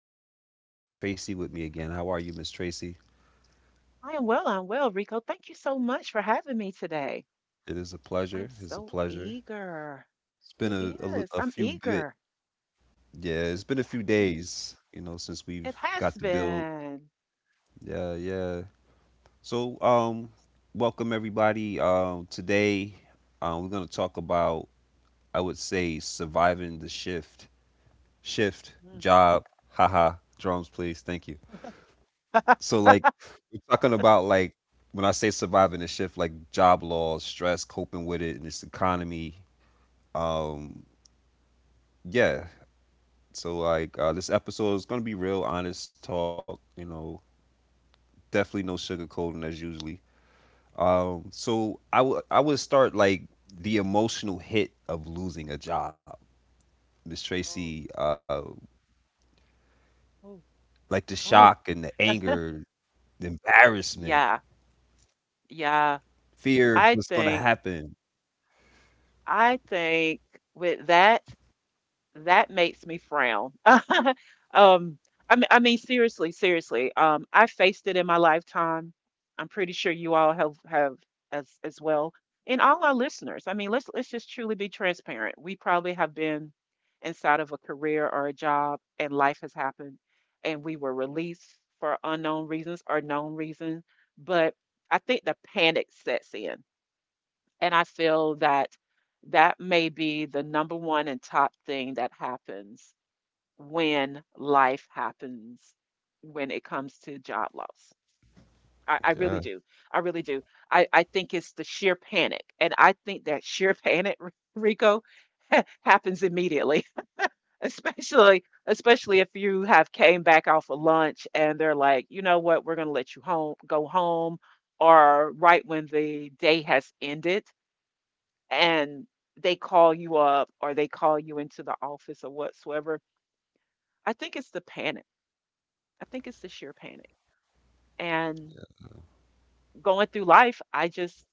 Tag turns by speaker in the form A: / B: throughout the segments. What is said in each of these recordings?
A: my special guest, Miss Tracy, with me again. How are you, Miss Tracy?
B: I am well. I'm well, Rico. Thank you so much for having me today.
A: It is a
B: I'm
A: pleasure. It's a
B: so
A: pleasure.
B: eager.
A: It's been
B: It
A: a, a, li-
B: is.
A: a
B: I'm
A: few bit,
B: eager.
A: yeah, it's been a
B: Yeah,
A: few days, you know, since we've
B: it has
A: got the build.
B: been.
A: Yeah, yeah. So, um, welcome everybody. Today, we're gonna talk about, I would say, surviving the shift,
B: Mm,
A: job. Haha, drums, please. Thank you. So, like, we're talking about, like, when I say surviving the shift, like job loss, stress, coping with it, and this economy. Um, yeah. So, like, this episode is gonna be real honest talk. You know, definitely no sugarcoating as usually. So I would start like the emotional hit of losing a job, Miss
B: oh,
A: Tracy.
B: oh,
A: Like the
B: oh.
A: shock and the anger, the embarrassment,
B: Yeah, yeah.
A: fear of
B: I
A: what's gonna
B: think,
A: happen.
B: I think with that. That makes me frown. Um, I mean, seriously. I faced it in my lifetime. I'm pretty sure you all have as well, and all our listeners. I mean, let's just truly be transparent. We probably have been inside of a career or a job, and life has happened, and we were released for unknown reasons or known reasons. But I think the panic sets in. And I feel that that may be the number one and top thing that happens when life happens when it comes to job loss. I really
A: Yeah.
B: do. I really do. I think it's the sheer panic. And I think that sheer panic, Rico, happens immediately, especially if you have came back off of lunch and they're like, you know what, we're gonna let you home go home or right when the day has ended and they call you up or they call you into the office or whatsoever. I think it's the panic. I think it's the sheer panic. And going through life,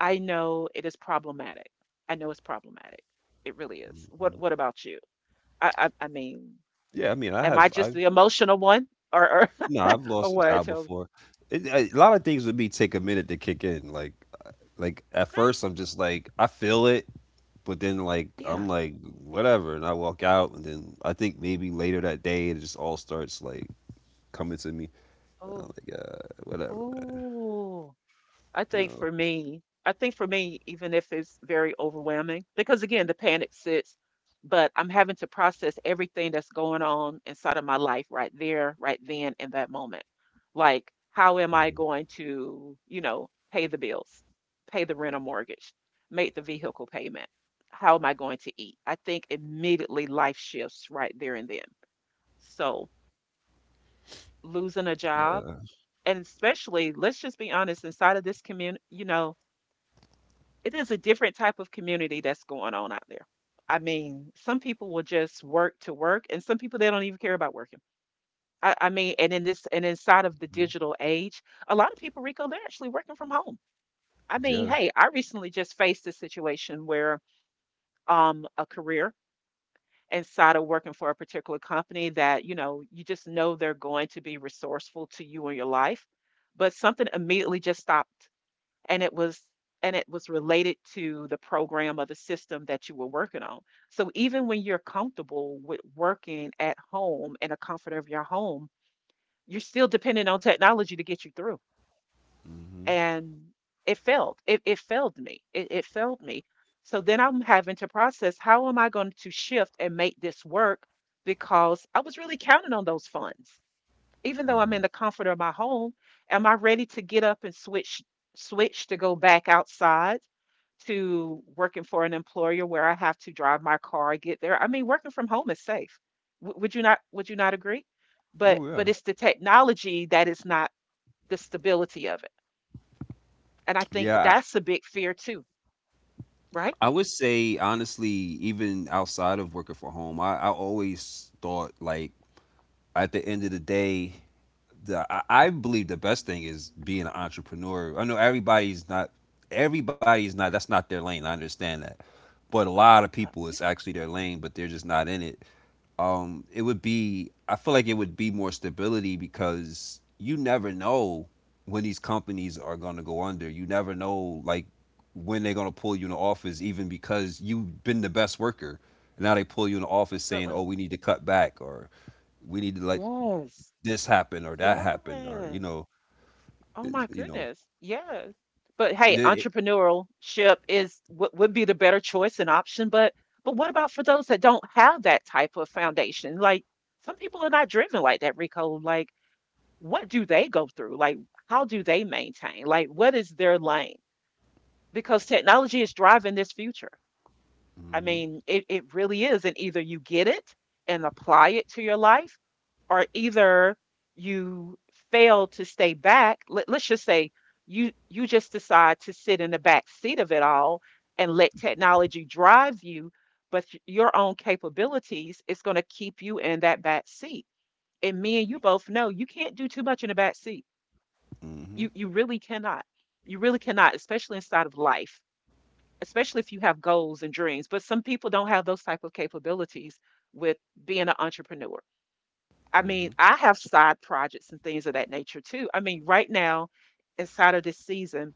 B: I know it is problematic. I know it's problematic. It really is. What
A: Mhm.
B: What about you? I mean,
A: Yeah, I mean, I
B: am I
A: have
B: just
A: I
B: the emotional one, or or,
A: No, I've
B: or
A: lost a
B: what?
A: job
B: So,
A: before. A lot of things with me take a minute to kick in. Uh, like at
B: okay,
A: first I'm just like I feel it, but then like I'm
B: yeah.
A: like whatever, and I walk out, and then I think maybe later that day it just all starts like coming to me. And
B: Oh,
A: I'm like whatever,
B: oh. I
A: you
B: think
A: know.
B: for me, I think for me, even if it's very overwhelming, because again, the panic sits, but I'm having to process everything that's going on inside of my life right there, right then, in that moment. Like, how am
A: Hmm.
B: I going to, you know, pay the bills, pay the rent or mortgage, make the vehicle payment? How am I going to eat? I think immediately life shifts right there and then. So, losing a job,
A: Yeah.
B: and especially, let's just be honest, inside of this community, you know, it is a different type of community that's going on out there. I mean, some people will just work to work, and some people they don't even care about working. I mean, and in this and inside of the
A: Mhm.
B: digital age, a lot of people, Rico, they're actually working from home. I mean,
A: Yeah.
B: hey, I recently just faced a situation where a career inside of working for a particular company that, you know, you just know they're going to be resourceful to you in your life, but something immediately just stopped and it was and it was related to the program or the system that you were working on. So even when you're comfortable with working at home in the comfort of your home, you're still dependent on technology to get you through.
A: Hmm.
B: And it failed. It failed me. It failed me. So then I'm having to process how am I going to shift and make this work because I was really counting on those funds. Even though I'm
A: Hmm.
B: in the comfort of my home, am I ready to get up and switch to go back outside to working for an employer where I have to drive my car, get there? I mean, working from home is safe. Would you not agree? But
A: Oh yeah.
B: it's the technology that is not the stability of it. And I think
A: Yeah,
B: that's a big fear too, right?
A: I would say honestly, even outside of working from home, I always thought like at the end of the day, I believe the best thing is being an entrepreneur. I know everybody's not that's not their lane. I understand that, but a
B: Uh,
A: lot of people it's
B: Yeah, yeah,
A: actually their lane, but they're just not in it. It would be I feel like it would be more stability because you never know when these companies are going to go under. You never know like when they're going to pull you in the office, even because you've been the best worker. And now they pull you in the office saying,
B: absolutely.
A: "Oh, we need to cut back," or we need to like
B: Yes.
A: this happened or that happened or you
B: Yes.
A: know
B: Oh my
A: you know
B: goodness. Yeah. But hey,
A: the-
B: entrepreneurship is would be the better choice and option. But what about for those that don't have that type of foundation? Like some people are not driven like that, Rico. Like what do they go through? Like how do they maintain? Like what is their lane? Because technology is driving this future. I
A: Mhm,
B: mean, it really is. And either you get it and apply it to your life or either you fail to stay back. Let's just say you just decide to sit in the back seat of it all and let technology drive you, but your own capabilities is going to keep you in that back seat. And me and you both know you can't do too much in the back seat. You
A: mhm,
B: really cannot. You really cannot, especially inside of life, especially if you have goals and dreams. But some people don't have those type of capabilities with being an entrepreneur. I mean,
A: mhm,
B: I have side projects and things of that nature too. I mean, right now, inside of this season,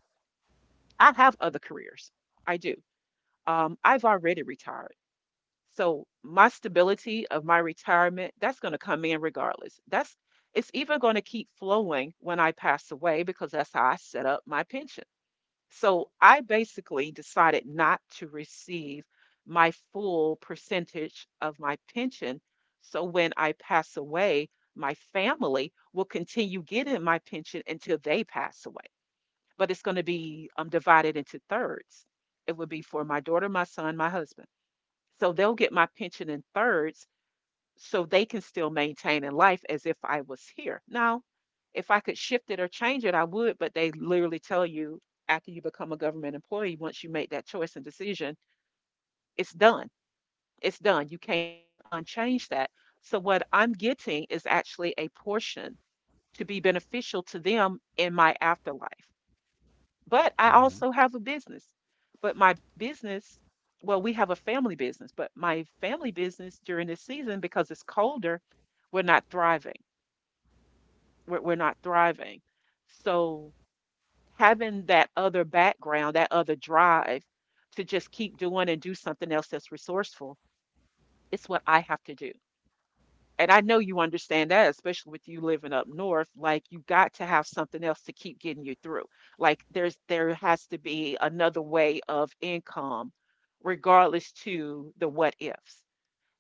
B: I have other careers. I do. I've already retired. So my stability of my retirement, that's going to come in regardless. That's it's even going to keep flowing when I pass away because that's how I set up my pension. So I basically decided not to receive my full percentage of my pension. So when I pass away, my family will continue getting my pension until they pass away. But it's going to be divided into thirds. It would be for my daughter, my son, my husband. So they'll get my pension in thirds so they can still maintain in life as if I was here. Now, if I could shift it or change it, I would, but they literally tell you after you become a government employee, once you make that choice and decision, it's done. It's done. You can't unchange that. So, what I'm getting is actually a portion to be beneficial to them in my afterlife. But I
A: mhm,
B: also have a business. But my business, well, we have a family business, but my family business during this season, because it's colder, we're not thriving. We're not thriving. So having that other background, that other drive to just keep doing and do something else that's resourceful, it's what I have to do. And I know you understand that, especially with you living up north, like you got to have something else to keep getting you through. Like there has to be another way of income regardless to the what ifs.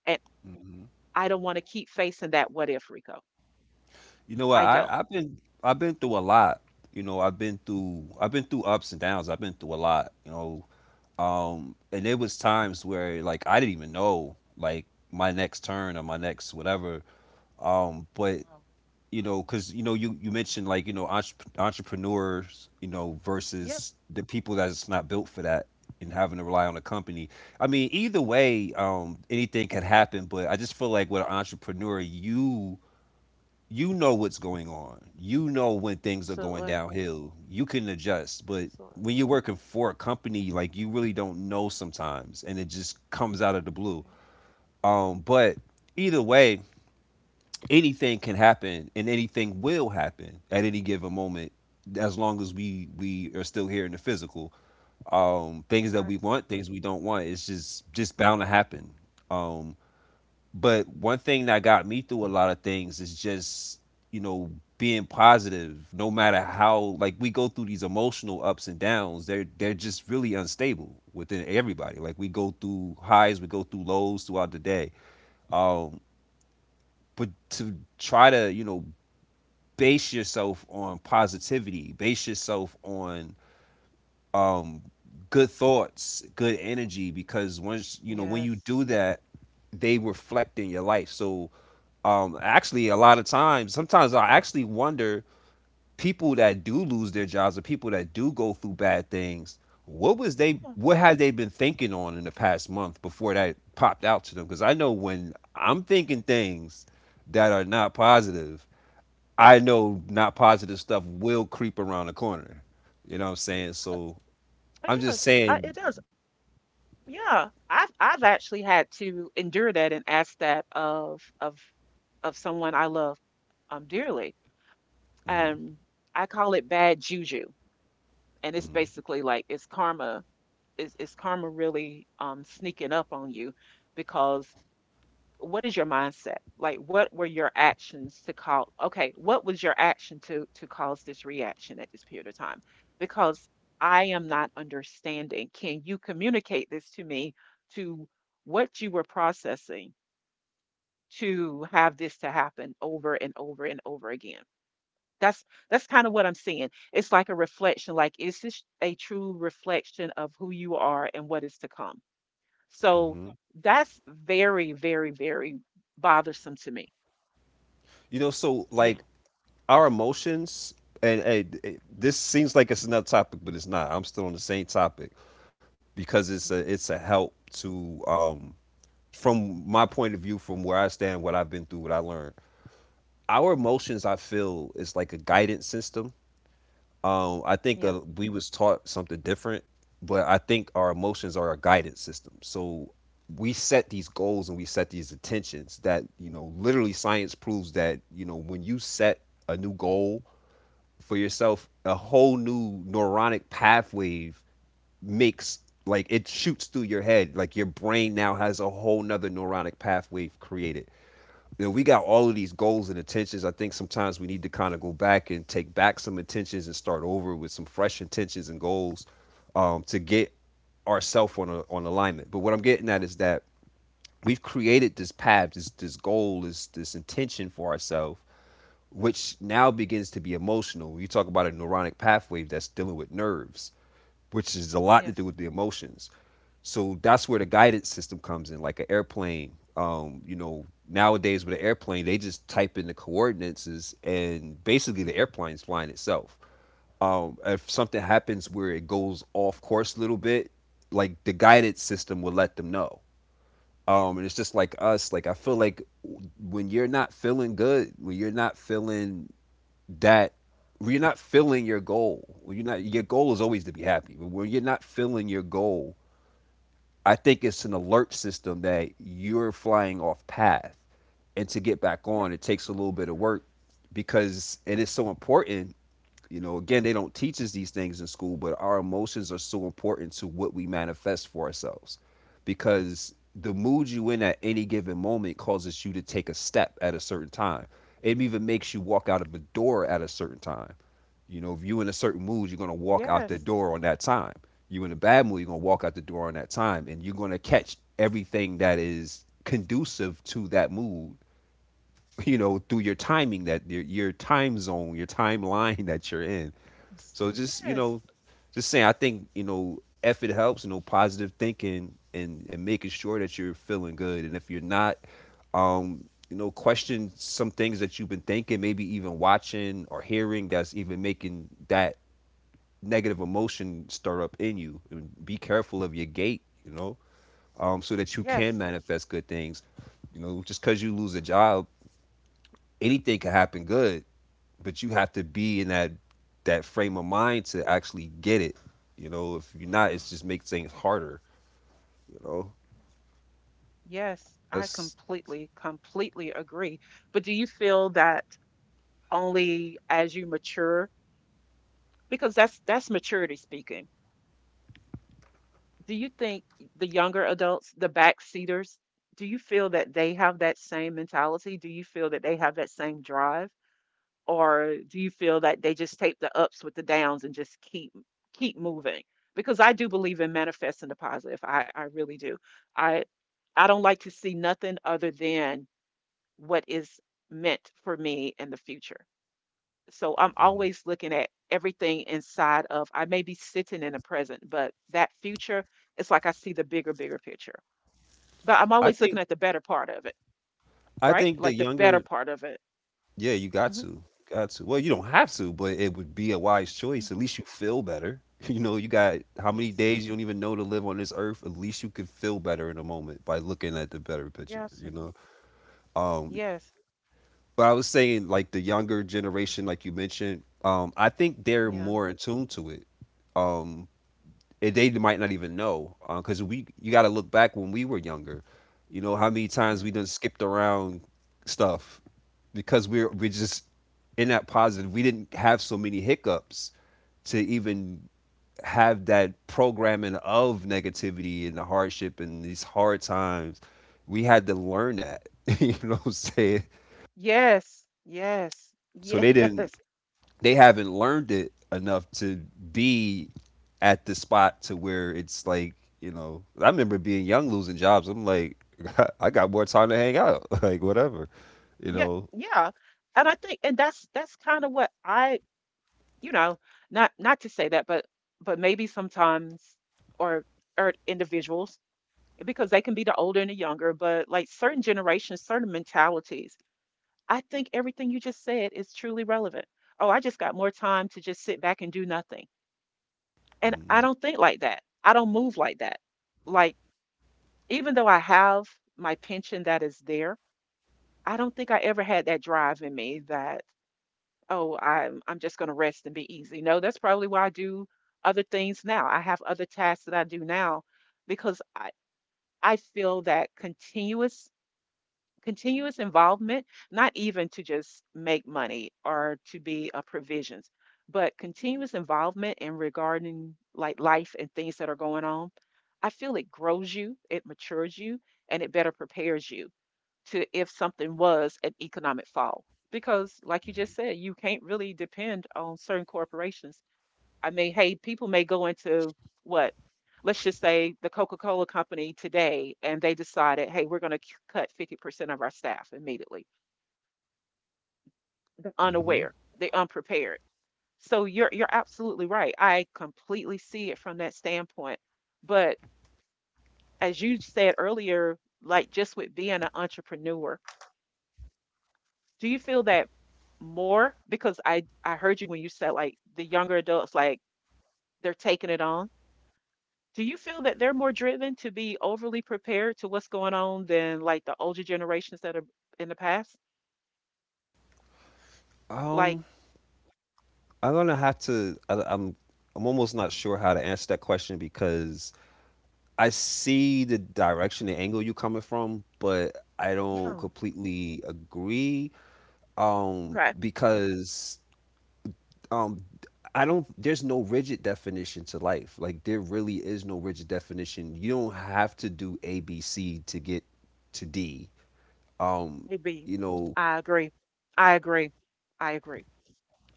B: And
A: mhm.
B: I don't want to keep facing that what if, Rico.
A: You know what,
B: I
A: I
B: don't.
A: I've been I've been through a lot, you know. I've been through ups and downs, I've been through a lot, you know, and there was times where like I didn't even know like my next turn or my next whatever, but
B: Wow.
A: you know, because you know you you mentioned like you know entrepreneurs, you know,
B: Yeah,
A: versus the people that's not built for that and having to rely on a company. I mean, either way, anything can happen, but I just feel like with an entrepreneur you you know what's going on, you know when things are going
B: absolutely.
A: downhill you can adjust. But
B: Absolutely.
A: when you're working for a company like you really don't know sometimes and it just comes out of the blue. But either way, anything can happen and anything will happen at any given moment as long as we are still here in the physical. Things that
B: Right.
A: we want, things we don't want, it's just bound to happen. um but one thing that got me through a lot of things is just, you know, being positive. No matter how, like, we go through these emotional ups and downs, they're just really unstable within everybody. Like, we go through highs, we go through lows throughout the day. um but to try to, you know, base yourself on positivity, base yourself on, um good thoughts, good energy, because once, you know, when you
B: Yes.
A: do that, they reflect in your life. So, actually a lot of times, sometimes I actually wonder, people that do lose their jobs or people that do go through bad things,
B: Yeah,
A: what had they been thinking on in the past month before that popped out to them? Because I know when I'm thinking things that are not positive, I know not positive stuff will creep around the corner. You know what I'm saying?
B: it does.
A: So
B: It
A: I'm just
B: does.
A: saying,
B: It does. Yeah. I've actually had to endure that and ask that of of someone I love dearly. Um I call it bad juju. And it's basically like it's karma. Is karma really sneaking up on you because what is your mindset? Like what were your actions to call okay, what was your action to cause this reaction at this period of time? Because I am not understanding. Can you communicate this to me to what you were processing to have this to happen over and over and over again? That's kind of what I'm seeing. It's like a reflection, like is this a true reflection of who you are and what is to come? So
A: Mhm.
B: that's very, very, very bothersome to me.
A: you know, so
B: You
A: like
B: know.
A: our emotions, and this seems like it's another topic, but it's not. I'm still on the same topic because
B: Mm,
A: it's a help to from my point of view, from where I stand, what I've been through, what I learned. Our emotions, I feel, is like a guidance system. Um, I think
B: yeah.
A: uh, we was taught something different, but I think our emotions are our guidance system. So we set these goals and we set these intentions that, you know, literally science proves that, you know, when you set a new goal for yourself, a whole new neuronic pathway makes, like, it shoots through your head. Like, your brain now has a whole nother neuronic pathway created. You know, we got all of these goals and intentions. I think sometimes we need to kind of go back and take back some intentions and start over with some fresh intentions and goals, to get ourselves on on alignment. But what I'm getting at is that we've created this path, this goal, this intention for ourselves, which now begins to be emotional. You talk about a neuronic pathway that's dealing with nerves, which is a lot to do
B: Yes.
A: with the emotions. So that's where the guidance system comes in, like an airplane. You know, nowadays with an airplane, they just type in the coordinates and basically the airplane's flying itself. If something happens where it goes off course a little bit, like the guidance system will let them know. And it's just like us, like I feel like when you're not feeling good, that when you're not filling your goal, when you're not your goal is always to be happy, but when you're not filling your goal, I think it's an alert system that you're flying off path. And to get back
B: Yeah.
A: on, it takes a little bit of work because it is so important. You know, again, they don't teach us these things in school, but our emotions are so important to what we manifest for ourselves because the mood you in at any given moment causes you to take a step at a certain time. It even makes you walk out of a door at a certain time. You know, if you're in a certain mood, you're gonna walk out the
B: Yes.
A: door on that time. You are in a bad mood, you're gonna walk out the door on that time, and you're gonna catch everything that is conducive to that mood. You know, through your timing, that your time zone, your timeline that you're in. So just, you
B: Yes.
A: know, just saying, I think, you know, if it helps, you know, positive thinking, and making sure that you're feeling good, and if you're not, you know, question some things that you've been thinking, maybe even watching or hearing, that's even making that negative emotion stir up in you. And be careful of your gait, you know, so that you can
B: Yes.
A: manifest good things. You know, just because you lose a job, anything can happen good, but you have to be in that frame of mind to actually get it. You know, if you're not, it's just makes things harder. You know,
B: Yes. I
A: that's.
B: completely, completely agree. But do you feel that only as you mature, because that's maturity speaking. Do you think the younger adults, the backseaters, do you feel that they have that same mentality? Do you feel that they have that same drive? Or do you feel that they just take the ups with the downs and just keep moving? Because I do believe in manifesting the positive. I really do. I I don't like to see nothing other than what is meant for me in the future. So I'm
A: Mhm.
B: always looking at everything inside of I may be sitting in the present, but that future, it's like I see the bigger, bigger picture. But I'm
A: I
B: always looking
A: think
B: at the better part of it,
A: I
B: right?
A: think the
B: Like the better
A: younger,
B: part of it.
A: yeah, you got
B: Hmm.
A: to, got to. Well, you don't have to, but it would be a wise choice. At least you feel better. You know, you got how many
B: Yes.
A: days you don't even know to live on this earth. At least you could feel better in a moment by looking at the better picture.
B: Yes,
A: You
B: sir.
A: know, um,
B: Yes.
A: but I was saying like the younger generation, like you mentioned, I think they're
B: Yeah.
A: more in tune to it. Um, and they might not even know because we you got to look back when we were younger. You know how many times
B: Yeah.
A: we done skipped around stuff because we're just in that positive. We didn't have so many hiccups to even have that programming of negativity and the hardship and these hard times. We had to learn that. You know what I'm saying?
B: Yes. Yes.
A: So
B: Yes.
A: they didn't, they haven't learned it enough to be at the spot to where it's like, you know, I remember being young losing jobs, I'm like, I got more time to hang out like whatever, you
B: Yeah.
A: know.
B: Yeah. And I think, and that's kind of what I, you know, not to say that, but maybe sometimes or or individuals because they can be the older and the younger, but like certain generations, certain mentalities. I think everything you just said is truly relevant. Oh, I just got more time to just sit back and do nothing. And I
A: Mhm,
B: don't think like that. I don't move like that. Like even though I have my pension that is there, I don't think I ever had that drive in me that, "Oh, I'm just gonna rest and be easy." No, that's probably why I do other things now. I have other tasks that I do now because I feel that continuous involvement, not even to just make money or to be a provisions, but continuous involvement in regarding like life and things that are going on, I feel it grows you, it matures you, and it better prepares you to if something was an economic fall. Because, like you just said, you can't really depend on certain corporations. I mean, hey, people may go into what, let's just say the Coca Cola company today, and they decided, hey, we're going to cut 50% of our staff immediately. They're
A: mhm.
B: unaware, they're unprepared. So you're absolutely right. I completely see it from that standpoint. But as you said earlier, like just with being an entrepreneur, do you feel that more because I heard you when you said like the younger adults like they're taking it on. Do you feel that they're more driven to be overly prepared to what's going on than like the older generations that are in the past? Like,
A: um I'm gonna have to I, I'm almost not sure how to answer that question because I see the direction, the angle you're coming from, but I don't
B: yeah,
A: completely agree,
B: okay,
A: because um I don't, there's no rigid definition to life. Like there really is no rigid definition. You don't have to do ABC to get to D. Um
B: maybe.
A: you know,
B: I agree. I agree. I agree.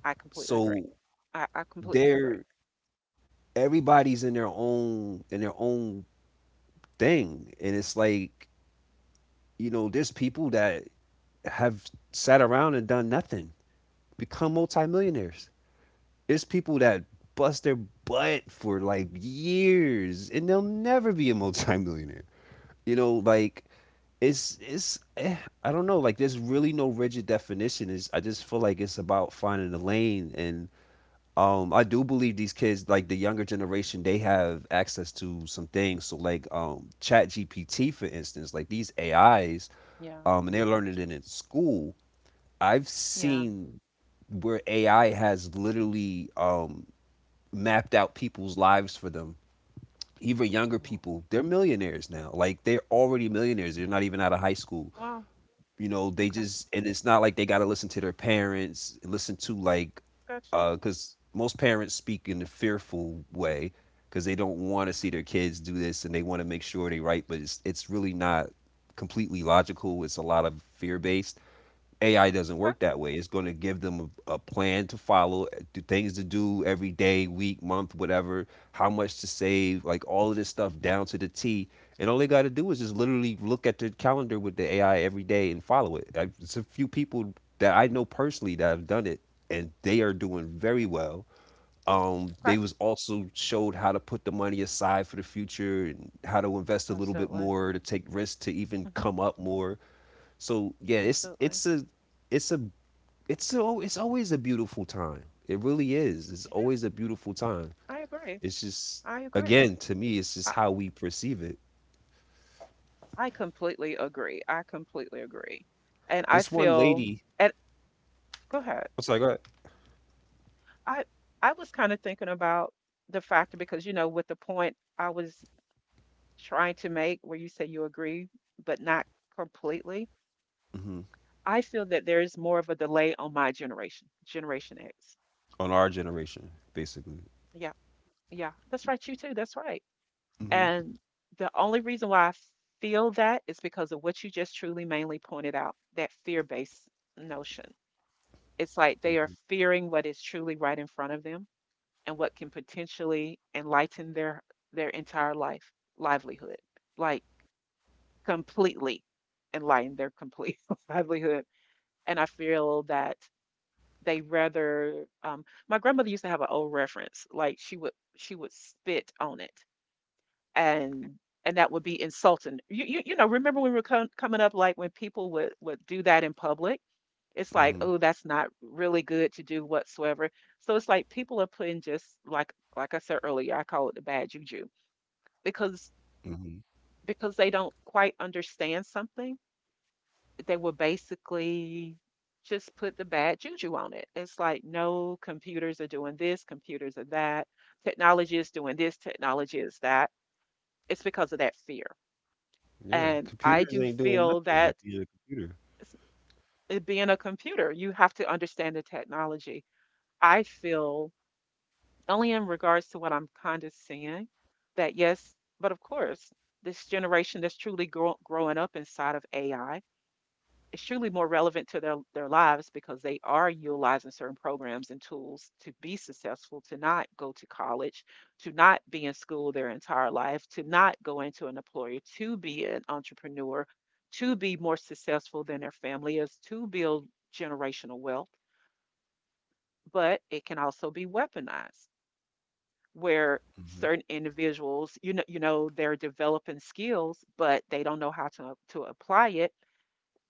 B: I completely agree.
A: so
B: I completely agree.
A: there everybody's in their own thing and it's like there's people that have sat around and done nothing, become multimillionaires. There's people that bust their butt for like years and they'll never be a multimillionaire, you know, like it's I don't know, like there's really no rigid definition. Is I just feel like it's about finding a lane. And I do believe these kids, like the younger generation, they have access to some things, so like chat gpt for instance, like these AIs
B: Yeah.
A: and they're learning it in school. I've
B: Yeah.
A: seen where AI has literally mapped out people's lives for them. Even younger
B: Wow.
A: people, they're millionaires now, like they're already millionaires, they're not even out of high school.
B: Wow.
A: You know, they
B: Okay.
A: just, and it's not like they got to listen to their parents, listen to like
B: Got you.
A: because most parents speak in a fearful way, because they don't want to see their kids do this and they want to make sure they right, but it's really not completely logical, it's a lot of fear based. AI doesn't
B: Okay.
A: work that way. It's going to give them a plan to follow, do things to do every day, week, month, whatever, how much to save, like all of this stuff down to the T. And all they got to do is just literally look at their calendar with the AI every day and follow it. It's a few people that I know personally that have done it, and they are doing very
B: Okay.
A: well.
B: Okay.
A: They was also showed how to put the money aside for the future and how to invest a little bit
B: Absolutely.
A: more to take risks to even
B: Hmm.
A: come up more. So yeah,
B: Absolutely.
A: it's a it's always a beautiful time. It really is. It's
B: It
A: always
B: is.
A: a beautiful time.
B: I agree.
A: It's just,
B: I agree.
A: again, to me, it's just
B: I,
A: how we perceive it.
B: I completely agree. I completely agree. And I
A: This one
B: feel
A: lady,
B: and go ahead.
A: I'm sorry, go ahead.
B: I I was kind of thinking about the factor because you know with the point I was trying to make where you say you agree but not completely.
A: Hmm
B: I feel that there is more of a delay on my generation, Generation X.
A: On our generation, basically.
B: Yeah. Yeah. That's right you too. That's right.
A: Hmm
B: And the only reason why I feel that is because of what you just truly mainly pointed out, that fear-based notion. It's like they are
A: hmm
B: fearing what is truly right in front of them and what can potentially enlighten their entire life livelihood, like completely enlighten their complete livelihood. And I feel that they rather my grandmother used to have an old reference, like she would spit on it and and that would be insulting. You know, remember when we were coming up, like when people would do that in public, it's like,
A: hmm
B: oh, that's not really good to do whatsoever. So it's like people are putting just like I said earlier, I call it the bad juju because
A: hmm
B: because they don't quite understand something, they will basically just put the bad juju on it. It's like, no, computers are doing this, computers are that, technology is doing this, technology is that. It's because of that fear.
A: Yeah,
B: And I
A: computers
B: do
A: ain't doing
B: feel
A: nothing but
B: that
A: being a computer.
B: s- it being a computer, you have to understand the technology. I feel only in regards to what I'm kind of seeing that yes, but of course, this generation that's truly growing up inside of AI extremely more relevant to their lives because they are utilizing certain programs and tools to be successful, to not go to college, to not be in school their entire life, to not go into an employer, to be an entrepreneur, to be more successful than their family is, to build generational wealth. But it can also be weaponized where certain individuals, you know, you know they're developing skills but they don't know how to apply it.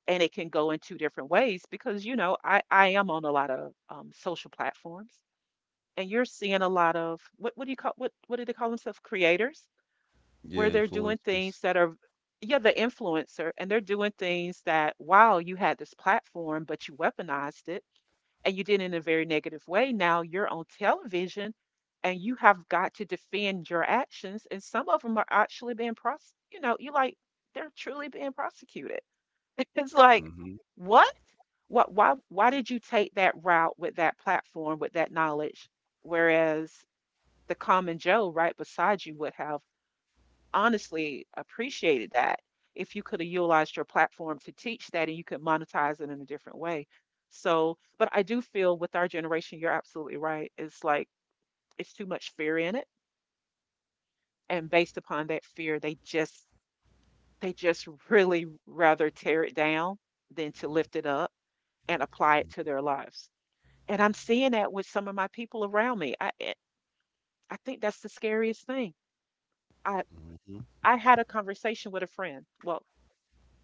B: And it can go in two different ways because you know I am on a lot of social platforms and you're seeing a lot of what do you call what do they call themselves, creators,
A: Yeah,
B: where they're doing
A: influencers.
B: things that are yeah the influencer, and they're doing things that wow, you had this platform but you weaponized it and you did it in a very negative way. Now you're on television and you have got to defend your actions, and some of them are actually being prose, you know you like, they're truly being prosecuted. It's like,
A: Mhm.
B: what? What? Why? Why did you take that route with that platform, with that knowledge, whereas the common Joe right beside you would have honestly appreciated that if you could have utilized your platform to teach that and you could monetize it in a different way. So, but I do feel with our generation, you're absolutely right. It's like it's too much fear in it, and based upon that fear, they just really rather tear it down than to lift it up and apply it to their lives. And I'm seeing that with some of my people around me. I think that's the scariest thing. I
A: Mhm.
B: I had a conversation with a friend, well,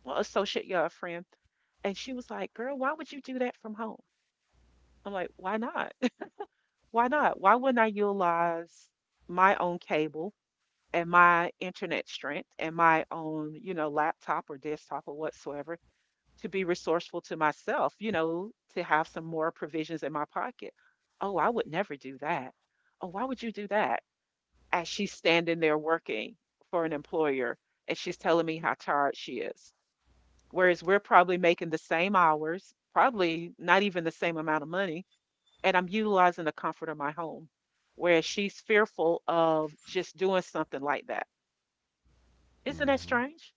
B: well, associate, yeah, a friend, and she was like, "Girl, why would you do that from home?" I'm like, "Why not? Why not? Why wouldn't I utilize my own cable and my internet strength and my own, you know, laptop or desktop or whatsoever to be resourceful to myself, you know, to have some more provisions in my pocket. Oh, I would never do that. Oh, why would you do that?" As she's standing there working for an employer and she's telling me how tired she is. Whereas we're probably making the same hours, probably not even the same amount of money, and I'm utilizing the comfort of my home. Whereas she's fearful of just doing something like that. Isn't that
A: Mhm.
B: strange?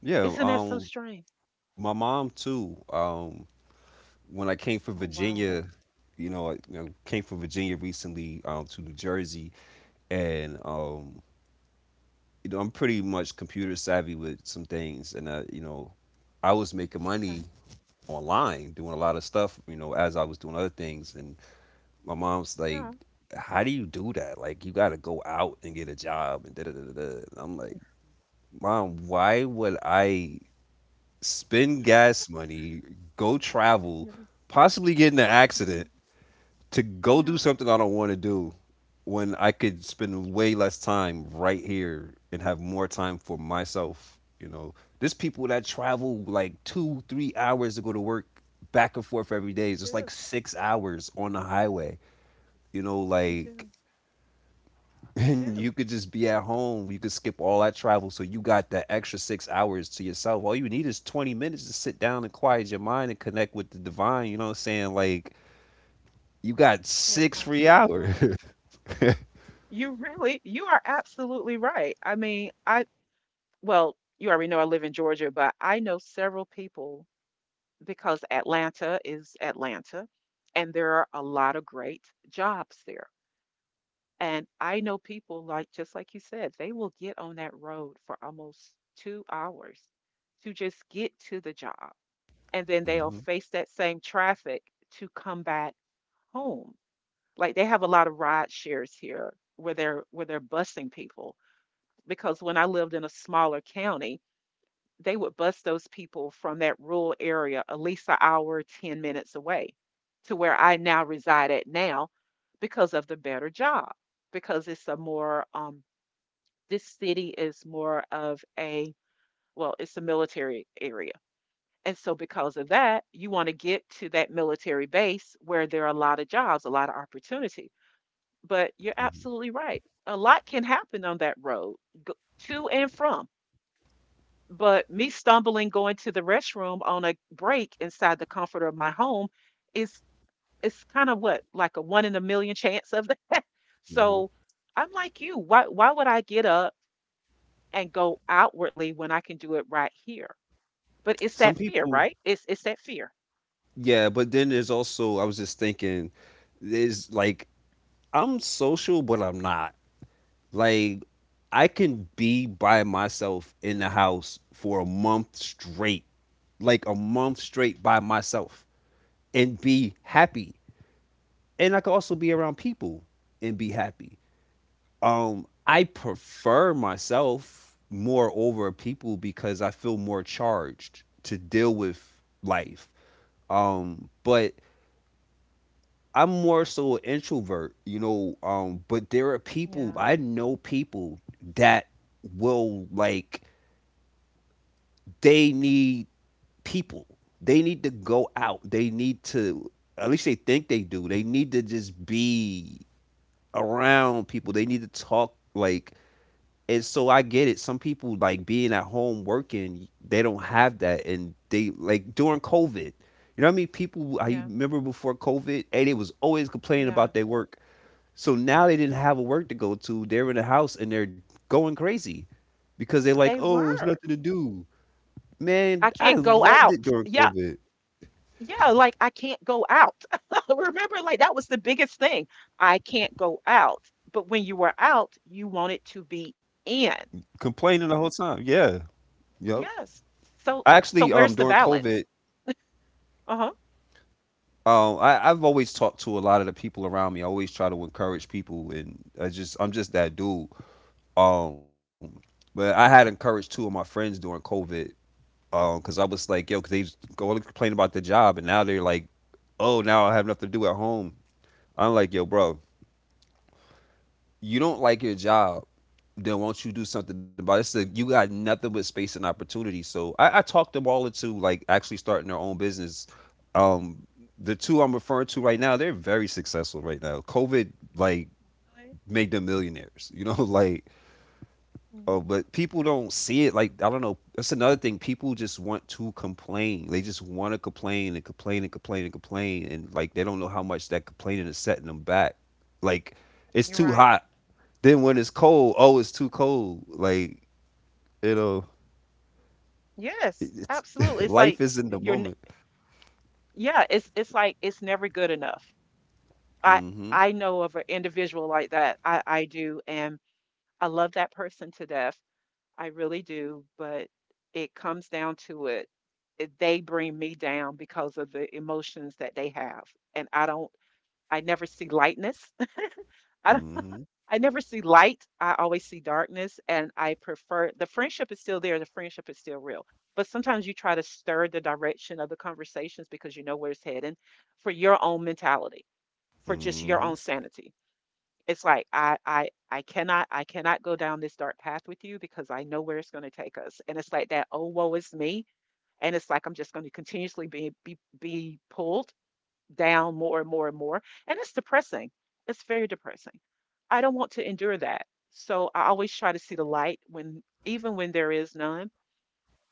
A: Yeah,
B: Isn't that so strange?
A: my mom too. When I came from
B: Oh, wow.
A: Virginia, you know, I you know, came from Virginia recently to New Jersey, and you know, I'm pretty much computer savvy with some things, and you know, I was making
B: Okay.
A: money online doing a lot of stuff, you know, as I was doing other things, and my mom's like,
B: Yeah.
A: how do you do that? Like you got to go out and get a job and da da da da da. And I'm like, Mom, why would I spend gas money, go travel,
B: Yeah.
A: possibly get in an accident to go
B: Yeah.
A: do something I don't want to do when I could spend way less time right here and have more time for myself? You know, there's people that travel like two, 3 hours to go to work back and forth every
B: I
A: day. It's just like
B: do.
A: 6 hours on the highway. You know,
B: I
A: like
B: do. I
A: and
B: do.
A: you could just be at home. You could skip all that travel, so you got that extra 6 hours to yourself. All you need is 20 minutes to sit down and quiet your mind and connect with the divine. You know what I'm saying? Like you got
B: You're
A: six free
B: absolutely
A: hours.
B: right. You really, you are absolutely right. I mean, I, well, you already know I live in Georgia, but I know several people because Atlanta is Atlanta and there are a lot of great jobs there. And I know people, like, just like you said, they will get on that road for almost 2 hours to just get to the job. And then they'll
A: hmm
B: face that same traffic to come back home. Like, they have a lot of ride shares here where they're busing people, because when I lived in a smaller county, they would bus those people from that rural area at least an hour, 10 minutes away to where I now reside at now because of the better job, because it's a more, this city is more of a well, it's a military area, and so because of that, you wanna get to that military base where there are a lot of jobs, a lot of opportunity. But you're absolutely right. A lot can happen on that road, go, to and from. But me stumbling going to the restroom on a break inside the comfort of my home is it's kind of what like a one in a million chance of that.
A: hmm
B: So I'm like you. Why would I get up and go outwardly when I can do it right here? But it's
A: Some
B: that fear,
A: people,
B: right? It's that fear.
A: yeah, but then there's also, I was just thinking, there's like, I'm social, but I'm not. Like I can be by myself in the house for a month straight, like a month straight by myself, and be happy. And I could also be around people and be happy. I prefer myself more over people because I feel more charged to deal with life. But I'm more so an introvert, you know. But there are people,
B: Yeah,
A: I know people that will like, they need people. They need to go out. They need to, at least they think they do, they need to just be around people. They need to talk like, and so I get it. Some people like being at home working, they don't have that, and they like during COVID. You know what I mean? People, I
B: yeah,
A: remember before COVID and it was always complaining
B: yeah.
A: about their work. So now they didn't have a work to go to. They're in the house and they're going crazy because they're like,
B: They
A: "Oh, it's
B: were.
A: nothing to do." Man,
B: I
A: I
B: can't go
A: loved it
B: out.
A: during
B: Yeah,
A: COVID.
B: yeah, like I can't go out. Remember, like that was the biggest thing. I can't go out. But when you were out, you wanted to be in.
A: Complaining the whole time. Yeah. Yo.
B: Yes. So
A: I
B: so
A: actually
B: where's the
A: during
B: balance?
A: COVID,
B: Uh-huh.
A: I've always
B: Go
A: talked to a lot of the people around me. I always try to encourage people, and I just, I'm just that dude. Um, but I had encouraged 2 of my friends during COVID, because I was like, yo, because they was going to complain about their job, and now they're like, oh, now I have nothing to do at home. I'm like, yo, bro, you don't like your job, then won't you do something about it? It's like, you got nothing but space and opportunity. So I talked them all into like actually starting their own business. Um, the two I'm referring to right now, they're very successful right now. COVID like
B: away.
A: made them millionaires, you know, like,
B: Mhm.
A: oh, but people don't see it. Like I don't know, that's another thing. People just want to complain. They just want to complain and complain and complain and complain, and like they don't know how much that complaining is setting them back. Like it's
B: You're
A: too
B: right.
A: hot. Then when it's cold, oh, it's too cold. Like you know,
B: Yes,
A: it's
B: absolutely. It's like
A: life is in the
B: you're n-
A: moment.
B: yeah, it's like it's never good enough. I
A: Mm-hmm.
B: I know of an individual like that. I do and I love that person to death. I really do, but it comes down to it. They bring me down because of the emotions that they have. And I don't I never see lightness. I
A: Mm-hmm.
B: I never see light. I always see darkness, and I prefer the friendship is still there. The friendship is still real. But sometimes you try to stir the direction of the conversations because you know where it's heading for your own mentality, for just your own
A: Mm-hmm.
B: sanity. It's like I cannot I cannot go down this dark path with you because I know where it's going to take us. And it's like that, oh woe is me. And it's like I'm just going to continuously be pulled down more and more and more. And it's depressing. It's very depressing. I don't want to endure that. So I always try to see the light when, even when there is none.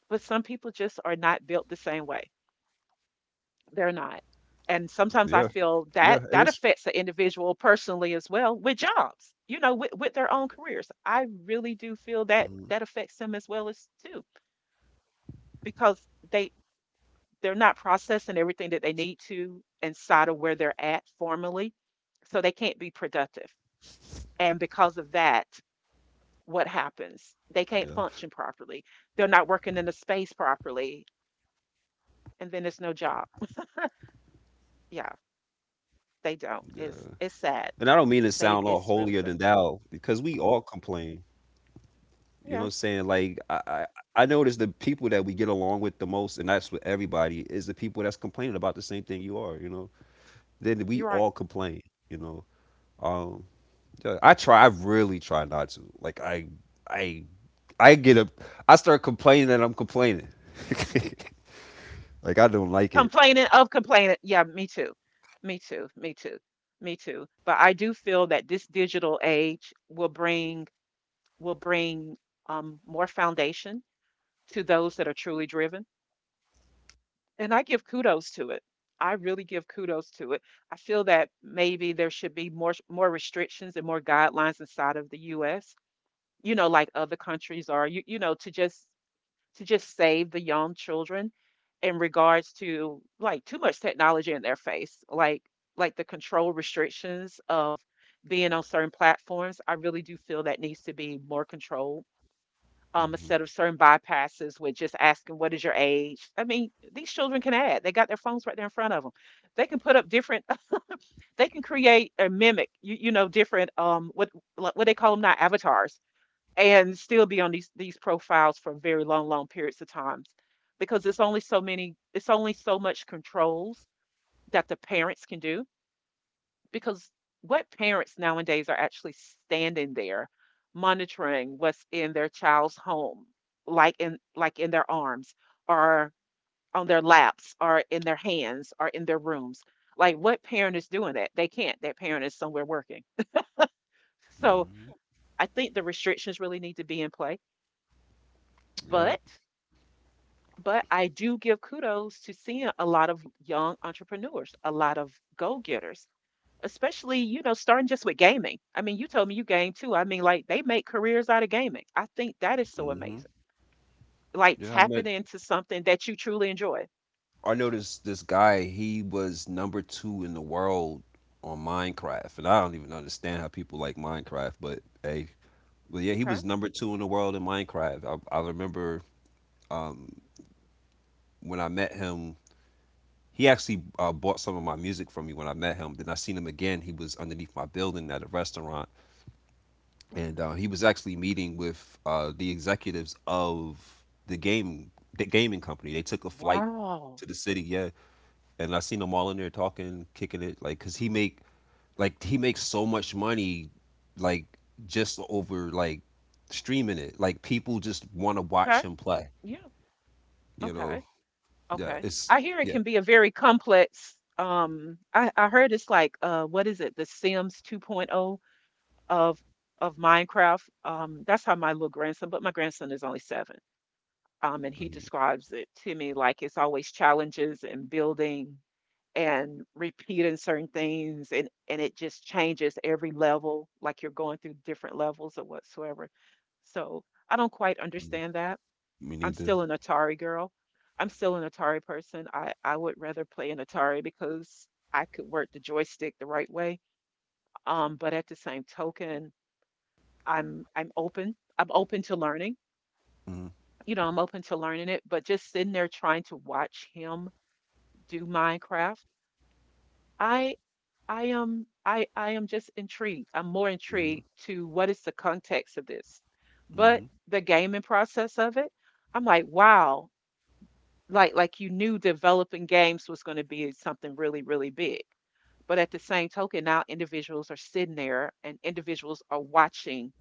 B: But some people just are not built the same way. They're not. And
A: Yeah.
B: sometimes I
A: Yeah.
B: feel
A: It is.
B: that that affects the individual personally as well with jobs, you know, with their own careers. I really do feel
A: Mm-hmm.
B: that that affects them as well as too, because they they're not processing everything that they need to inside of where they're at formally, so they can't be productive. And because of that,
A: Yeah,
B: what happens? They can't function properly. They're not working in the space properly, and then there's no job. Yeah,
A: yeah.
B: they don't.
A: And I don't mean to
B: It's
A: sound
B: sad.
A: all holier than
B: They
A: thou
B: it's really
A: because
B: sad.
A: we all complain. You know what I'm saying?
B: Yeah,
A: Like I notice the people that we get along with the most, and that's with everybody, is the people that's complaining about the same thing you are. You know, then we
B: you're
A: all
B: right.
A: complain. You know, um, yeah, I try. I really try not to. Like I, I get up. I start complaining that I'm complaining. Like I don't like it.
B: Complaining of complaining. Yeah, me too. Me too. Me too. Me too. But I do feel that this digital age will bring more foundation to those that are truly driven. And I give kudos to it. I really give kudos to it. I feel that maybe there should be more restrictions and more guidelines inside of the US, you know, like other countries are, to just save the young children in regards to like too much technology in their face, like the control restrictions of being on certain platforms. I really do feel that needs to be more controlled
A: Hmm
B: instead of certain bypasses with just asking what is your age. I mean, these children can add. They got their phones right there in front of them. They can put up different. They can create or mimic, different what they call them now, avatars, and still be on these profiles for very long, long periods of times, because it's only so many. It's only so much controls that the parents can do, because what parents nowadays are actually standing there monitoring what's in their child's home, like in their arms or on their laps or in their hands or in their rooms. Like what parent is doing that? They can't. That parent is somewhere working. So
A: hmm
B: I think the restrictions really need to be in play.
A: Yeah.
B: But but I do give kudos to seeing a lot of young entrepreneurs, a lot of go getters, especially, you know, starting just with gaming. I mean, you told me you game too. I mean, like, they make careers out of gaming. I think that is so
A: hmm
B: amazing, like
A: Yeah. I
B: tapping
A: met,
B: into something that you truly enjoy.
A: I noticed this guy, he was number two in the world on Minecraft. And I don't even understand how people like Minecraft, but hey, but yeah, he
B: Okay.
A: was number two in the world in Minecraft. I remember um, when I met him, he actually bought some of my music from me when I met him. Then I seen him again. He was underneath my building at a restaurant. And he was actually meeting with the executives of the game, the gaming company. They took a flight
B: Wow.
A: to the city, yeah. And I seen them all in there talking, kicking it, like, cause he makes so much money, like just over like streaming it. Like people just want to watch
B: Okay.
A: him play.
B: Yeah.
A: You know?
B: Okay.
A: Yeah.
B: Okay,
A: It's
B: I hear it
A: yeah.
B: can be a very complex, I heard it's like, what is it, the Sims 2.0 of of Minecraft? That's how my little grandson, but my grandson is only seven. And he
A: Mhm,
B: describes it to me like it's always challenges and building and repeating certain things, and it just changes every level, like you're going through different levels or whatsoever. So I don't quite
A: mhm.
B: understand that.
A: Me
B: I'm
A: neither.
B: still an Atari girl. I'm still an Atari person. I would rather play an Atari because I could work the joystick the right way. But at the same token, I'm open, I'm open to learning.
A: Hmm
B: You know, I'm open to learning it, but just sitting there trying to watch him do Minecraft, I I am just intrigued. I'm more
A: hmm
B: intrigued to what is the context of this. But
A: hmm
B: the gaming process of it, I'm like, wow, like you knew developing games was going to be something really, really big. But at the same token, now individuals are sitting there and individuals are watching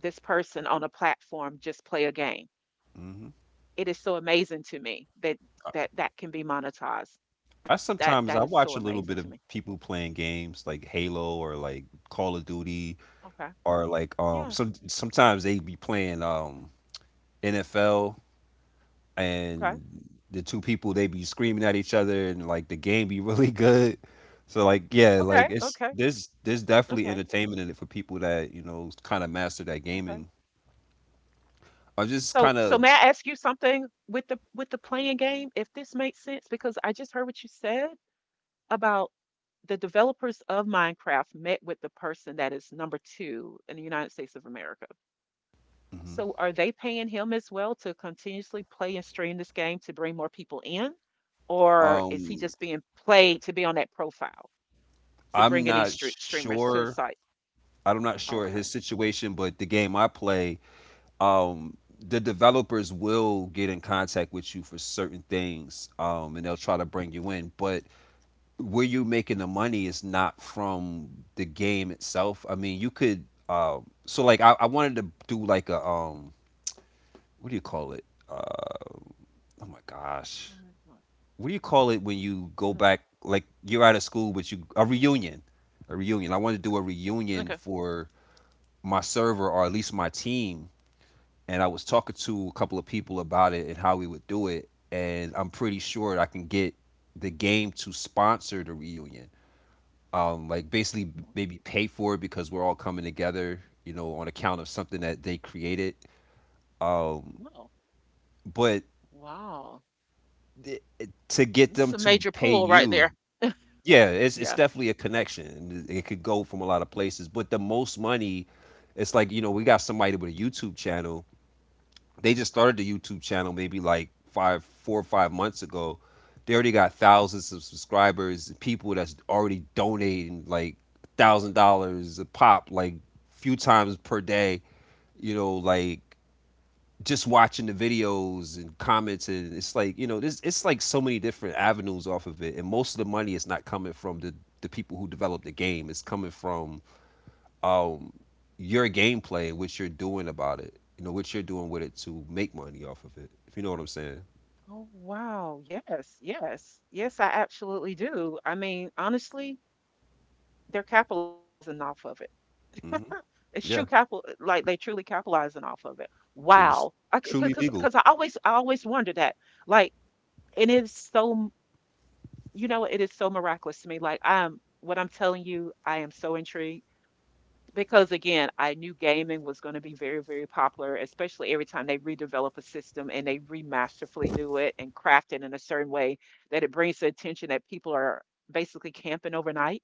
B: this person on a platform just play a game.
A: hmm
B: It is so amazing to me that that can be monetized.
A: I
B: That
A: sometimes
B: that
A: I
B: is
A: watch
B: so
A: a little bit
B: amazing
A: of
B: to me.
A: people playing games like Halo or like Call of Duty
B: Okay.
A: or like some
B: Yes.
A: sometimes they be playing NFL,
B: Okay.
A: and the two people they be screaming at each other and like the game be really good. So like yeah,
B: Okay.
A: like it's,
B: Okay.
A: there's definitely
B: Okay.
A: entertainment in it for people that you know kind of master that
B: Okay.
A: gaming or just
B: So
A: kind
B: so
A: of,
B: may I ask you something with the playing game, if this makes sense? Because I just heard what you said about the developers of Minecraft met with the person that is number two in the United States of America.
A: Mhm.
B: So are they paying him as well to continuously play and stream this game to bring more people in? Or is he
A: um
B: just being played to be on that profile to bring
A: I'm
B: in these
A: not
B: street streamers to his
A: sure
B: site?
A: I'm not sure his
B: Okay.
A: situation, but the game I play, the developers will get in contact with you for certain things, and they'll try to bring you in, but where you making the money is not from the game itself. I mean, you could. So like, I wanted to do like a, what do you call it? Uh, oh my gosh,
B: All right, well,
A: what do you call it when you go
B: no-
A: back? Like you're out of school, but you a reunion, a reunion. I wanted to do a reunion
B: Okay.
A: for my server, or at least my team, and I was talking to a couple of people about it and how we would do it, and I'm pretty sure I can get the game to sponsor the reunion, like basically
B: Mm,
A: maybe pay for it because we're all coming together, you know, on account of something that they created. Um,
B: no.
A: but
B: Wow.
A: th- to get
B: It's
A: them
B: a
A: to
B: major
A: pay
B: pull right
A: you,
B: there.
A: yeah, it's
B: Yeah.
A: definitely a connection. It could go from a lot of
B: Mm.
A: places, but the most money, it's like, you know, we got somebody with a YouTube channel. They just started the YouTube channel maybe like five, 4 or 5 months ago. They already got thousands of subscribers, people that's already donating like $1,000 a pop, like few times per day. You know, like just watching the videos and comments, and it's like you know, this it's like so many different avenues off of it, and most of the money is not coming from the people who developed the game. It's coming from um, your gameplay and what you're doing about it. You know what you're doing with it to make money off of it. If you know what I'm saying.
B: Oh, wow. Yes, yes, yes, I absolutely do. I mean, honestly, they're capitalizing off of it.
A: Hmm.
B: It's true
A: Yeah,
B: capital, eh, like they truly capitalizing off of it.
A: and it's
B: Wow. I,
A: truly
B: because
A: legal.
B: because I always, I always wonder that. Like, and it's so, m- you know, it is so miraculous to me. Like, I'm what I'm telling you, I am so intrigued. Because again, I knew gaming was going to be very, very popular, especially every time they redevelop a system and they remasterfully do it and craft it in a certain way that it brings the attention that people are basically camping overnight.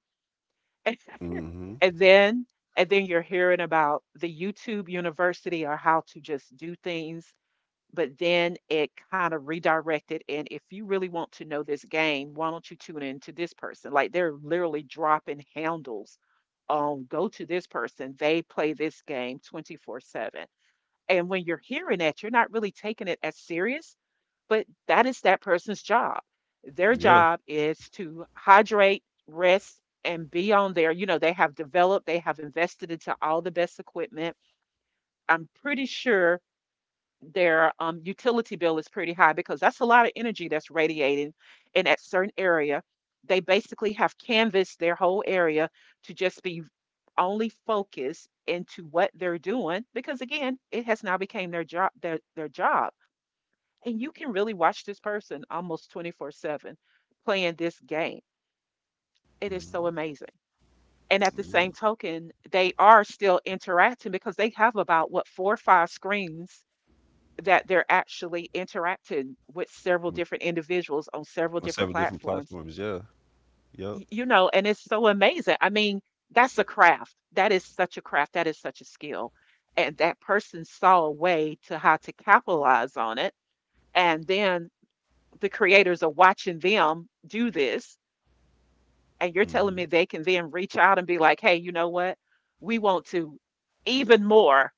A: Hmm.
B: And then and then you're hearing about the YouTube University or how to just do things, but then it kind of redirected, and if you really want to know this game, why don't you tune in to this person, like they're literally dropping handles. Go to this person, they play this game 24/7. And when you're hearing that, you're not really taking it as serious, but that is that person's job. Their
A: Yeah.
B: job is to hydrate, rest, and be on there. You know, they have developed, they have invested into all the best equipment. I'm pretty sure their utility bill is pretty high, because that's a lot of energy that's radiating in that certain area. They basically have canvassed their whole area to just be only focused into what they're doing, because again, it has now became their job, their job. And you can really watch this person almost 24/7 playing this game. It is so
A: Hmm.
B: amazing. And at the
A: Yeah.
B: same token, they are still interacting because they have about what, four or five screens, that they're actually interacting with several
A: With-
B: different individuals on several
A: On
B: different
A: seven different
B: platforms.
A: platforms. Yeah. Yep.
B: Y- You know, and it's so amazing. I mean, that's a craft. That is such a craft. That is such a skill. And that person saw a way to how to capitalize on it. And then the creators are watching them do this. And you're telling me
A: Hmm.
B: they can then reach out and be like, hey, you know what? We want to even more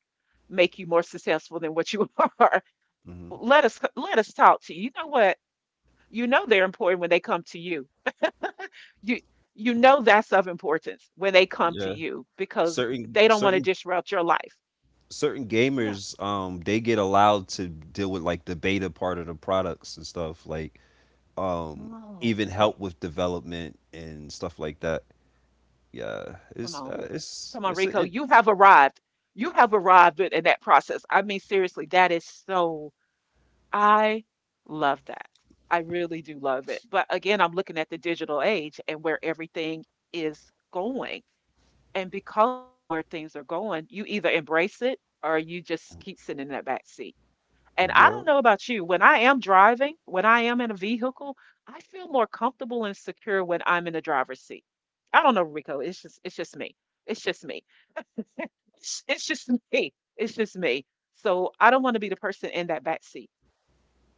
B: make you more successful than what you are.
A: Hmm.
B: Let us talk to you. You know what? You know they're important when they come to you. You you know that's of importance when they come to
A: Yeah.
B: you because
A: Certain
B: they don't want to
A: certain
B: disrupt your life.
A: certain
B: Yeah.
A: gamers they get allowed to deal with like the beta part of the products and stuff like um
B: No.
A: even help with development and stuff like that. Yeah,
B: Come on. Come on, Rico. You have arrived. You have arrived in that process. I mean, seriously, that is so, I love that. I really do love it. But again, I'm looking at the digital age and where everything is going. And because of where things are going, you either embrace it or you just keep sitting in that back seat. And I
A: yeah,
B: don't know about you, when I am driving, when I am in a vehicle, I feel more comfortable and secure when I'm in the driver's seat. I don't know, Rico. It's just me. It's just me. It's just me. It's just me. So I don't want to be the person in that back seat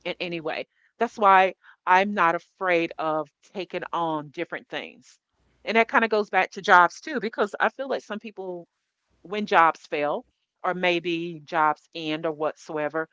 B: in any way. That's why I'm not afraid of taking on different things. And that kind of goes back to jobs too, because I feel like some people, when jobs fail, or maybe jobs end or whatsoever,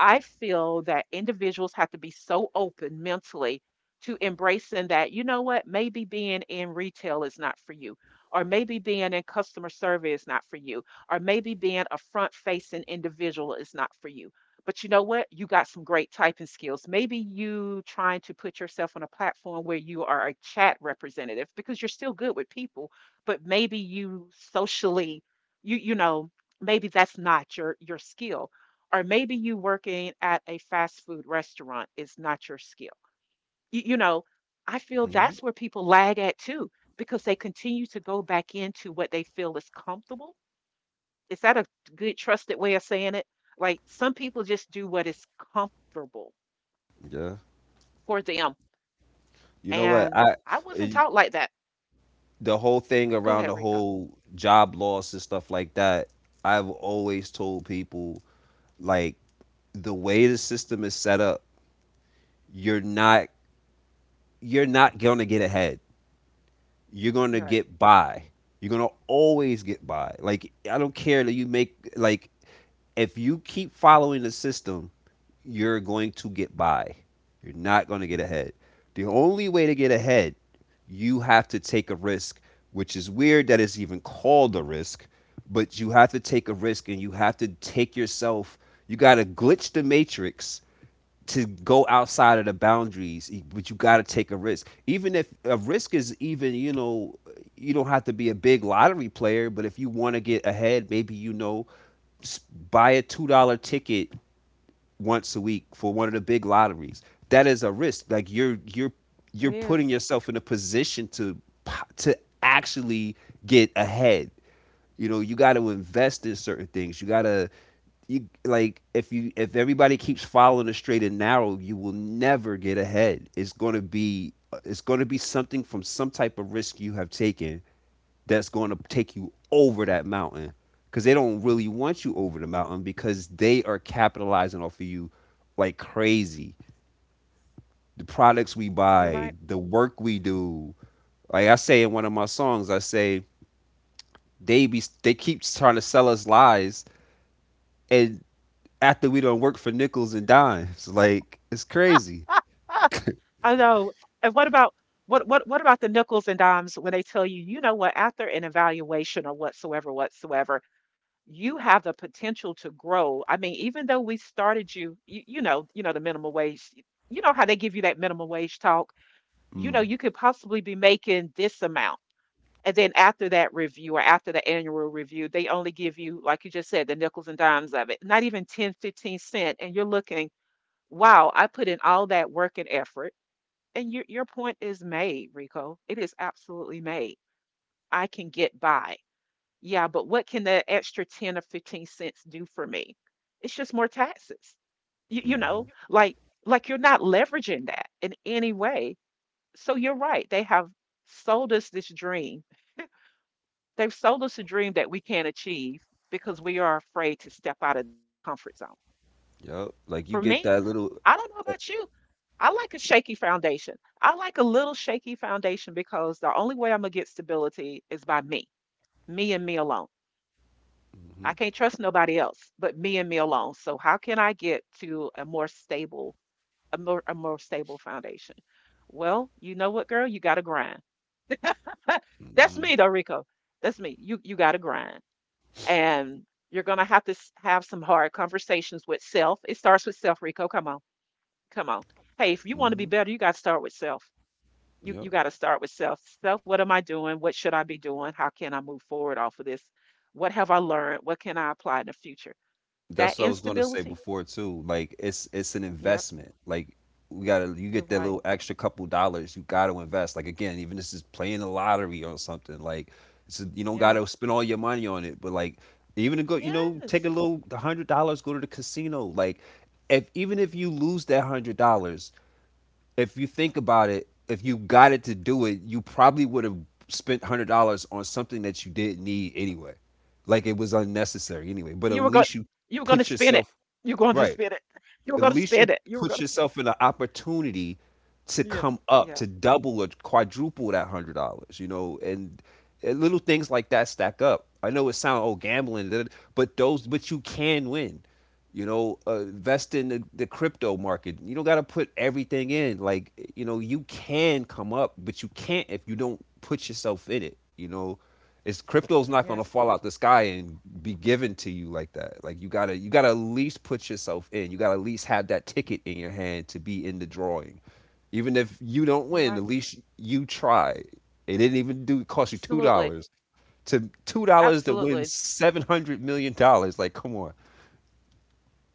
B: I feel that individuals have to be so open mentally to embracing that, you know what, maybe being in retail is not for you, or maybe being in customer service is not for you, or maybe being a front facing individual is not for you. But you know what? You got some great typing skills. Maybe you trying to put yourself on a platform where you are a chat representative because you're still good with people, but maybe you socially, you you know, maybe that's not your skill, or maybe you working at a fast food restaurant is not your skill. You, you know, I feel
A: hmm,
B: that's where people lag at too, because they continue to go back into what they feel is comfortable. Is that a good, trusted way of saying it? Like some people just do what is comfortable
A: yeah.
B: for them.
A: You know what?
B: And I wasn't
A: It,
B: taught like that.
A: the whole thing
B: Go
A: around
B: ahead,
A: the
B: Rico.
A: whole job loss and stuff like that. I've always told people like the way the system is set up, you're not you're not gonna get ahead. You're gonna
B: You're right.
A: get by. You're gonna always get by. Like I don't care that you make like if you keep following the system, you're going to get by. You're not going to get ahead. The only way to get ahead, you have to take a risk, which is weird that it's even called a risk, but you have to take a risk and you have to take yourself, you got to glitch the matrix to go outside of the boundaries, e, but you got to take a risk. Even if a risk is even, you know, you don't have to be a big lottery player, but if you want to get ahead, maybe you know, buy a $2 ticket once a week for one of the big lotteries. That is a risk. Like you're
B: It
A: you're putting
B: is.
A: yourself in a position to to actually get ahead. You know, you got to invest in certain things. You got to you like if you if everybody keeps following the straight and narrow, you will never get ahead. It's going to be it's going to be something from some type of risk you have taken that's going to take you over that mountain because they don't really want you over the mountain because they are capitalizing off of you like crazy. The products we
B: You're
A: buy,
B: right.
A: the work we do. Like I say in one of my songs, I say they be they keep trying to sell us lies, and after we don't work for nickels and dimes, like it's crazy.
B: I know. And what about the nickels and dimes when they tell you, you know what, after an evaluation or whatsoever, whatsoever, you have the potential to grow. I mean, even though we started you, you know, the minimum wage, y- you know how they give you that minimum wage talk, you
A: Mm.
B: know, you could possibly be making this amount. And then after that review or after the annual review, they only give you, like you just said, the nickels and dimes of it, not even 10, 15 cent. And you're looking, wow, I put in all that work and effort, and your point is made, Rico. It is absolutely made. I can get by. Yeah, but what can the extra 10 or 15 cents do for me? It's just more taxes. You, you know, like like you're not leveraging that in any way. So you're right. They have sold us this dream. They've sold us a dream that we can't achieve because we are afraid to step out of that comfort zone.
A: Yep.
B: For
A: Like you get
B: me,
A: that little.
B: I don't know about you. I like a shaky foundation. I like a little shaky foundation because the only way I'm gonna get stability is by me, me and me alone.
A: Mm-hmm.
B: I can't trust nobody else but me and me alone. So how can I get to a more stable, a more stable foundation? Well, you know what, girl, you gotta grind. That's
A: Mm-hmm.
B: me, though, Rico. That's me. You gotta grind, and you're gonna have to have some hard conversations with self. It starts with self, Rico. Come on, come on. Hey, if you want to be
A: Mm-hmm.
B: better, you gotta start with self. you
A: Yep.
B: you got to start with self. Self, what am I doing? What should I be doing? How can I move forward off of this? What have I learned? What can I apply in the future? That
A: That's what I was gonna say
B: instability.
A: before too. Like it's an
B: Yep,
A: investment. Like we gotta you
B: you're
A: get that
B: right.
A: little extra couple dollars, you gotta invest. Like again, even this is playing the lottery or something. Like you don't
B: Yeah.
A: gotta spend all your money on it, but like even to go, you know, take a
B: Yes.
A: little $100, go to the casino. Like if even if you lose that $100, if you think about it, if you got it to do it, you probably would have spent $100 on something that you didn't need anyway. Like it was unnecessary anyway. But at
B: You were going
A: least you
B: you were going to
A: put
B: spin it.
A: yourself
B: You're going to
A: right.
B: spin it. You were
A: At
B: going to
A: least you
B: spin it. You were
A: put
B: going to
A: yourself in an opportunity to
B: Yeah.
A: come up
B: Yeah.
A: to double or quadruple that $100. You know, and little things like that stack up. I know it sounds oh gambling, but those but you can win, you know, invest in the crypto market. You don't got to put everything in, like you know you can come up, but you can't if you don't put yourself in it. You know, it's crypto's not going to
B: Yes.
A: fall out the sky and be given to you like that. Like you got to at least put yourself in, you got to at least have that ticket in your hand to be in the drawing. Even if you don't
B: You're
A: win,
B: right.
A: at least you try. It didn't even do cost you two
B: Absolutely.
A: dollars to $2 to win
B: Absolutely.
A: $700 million, like come on.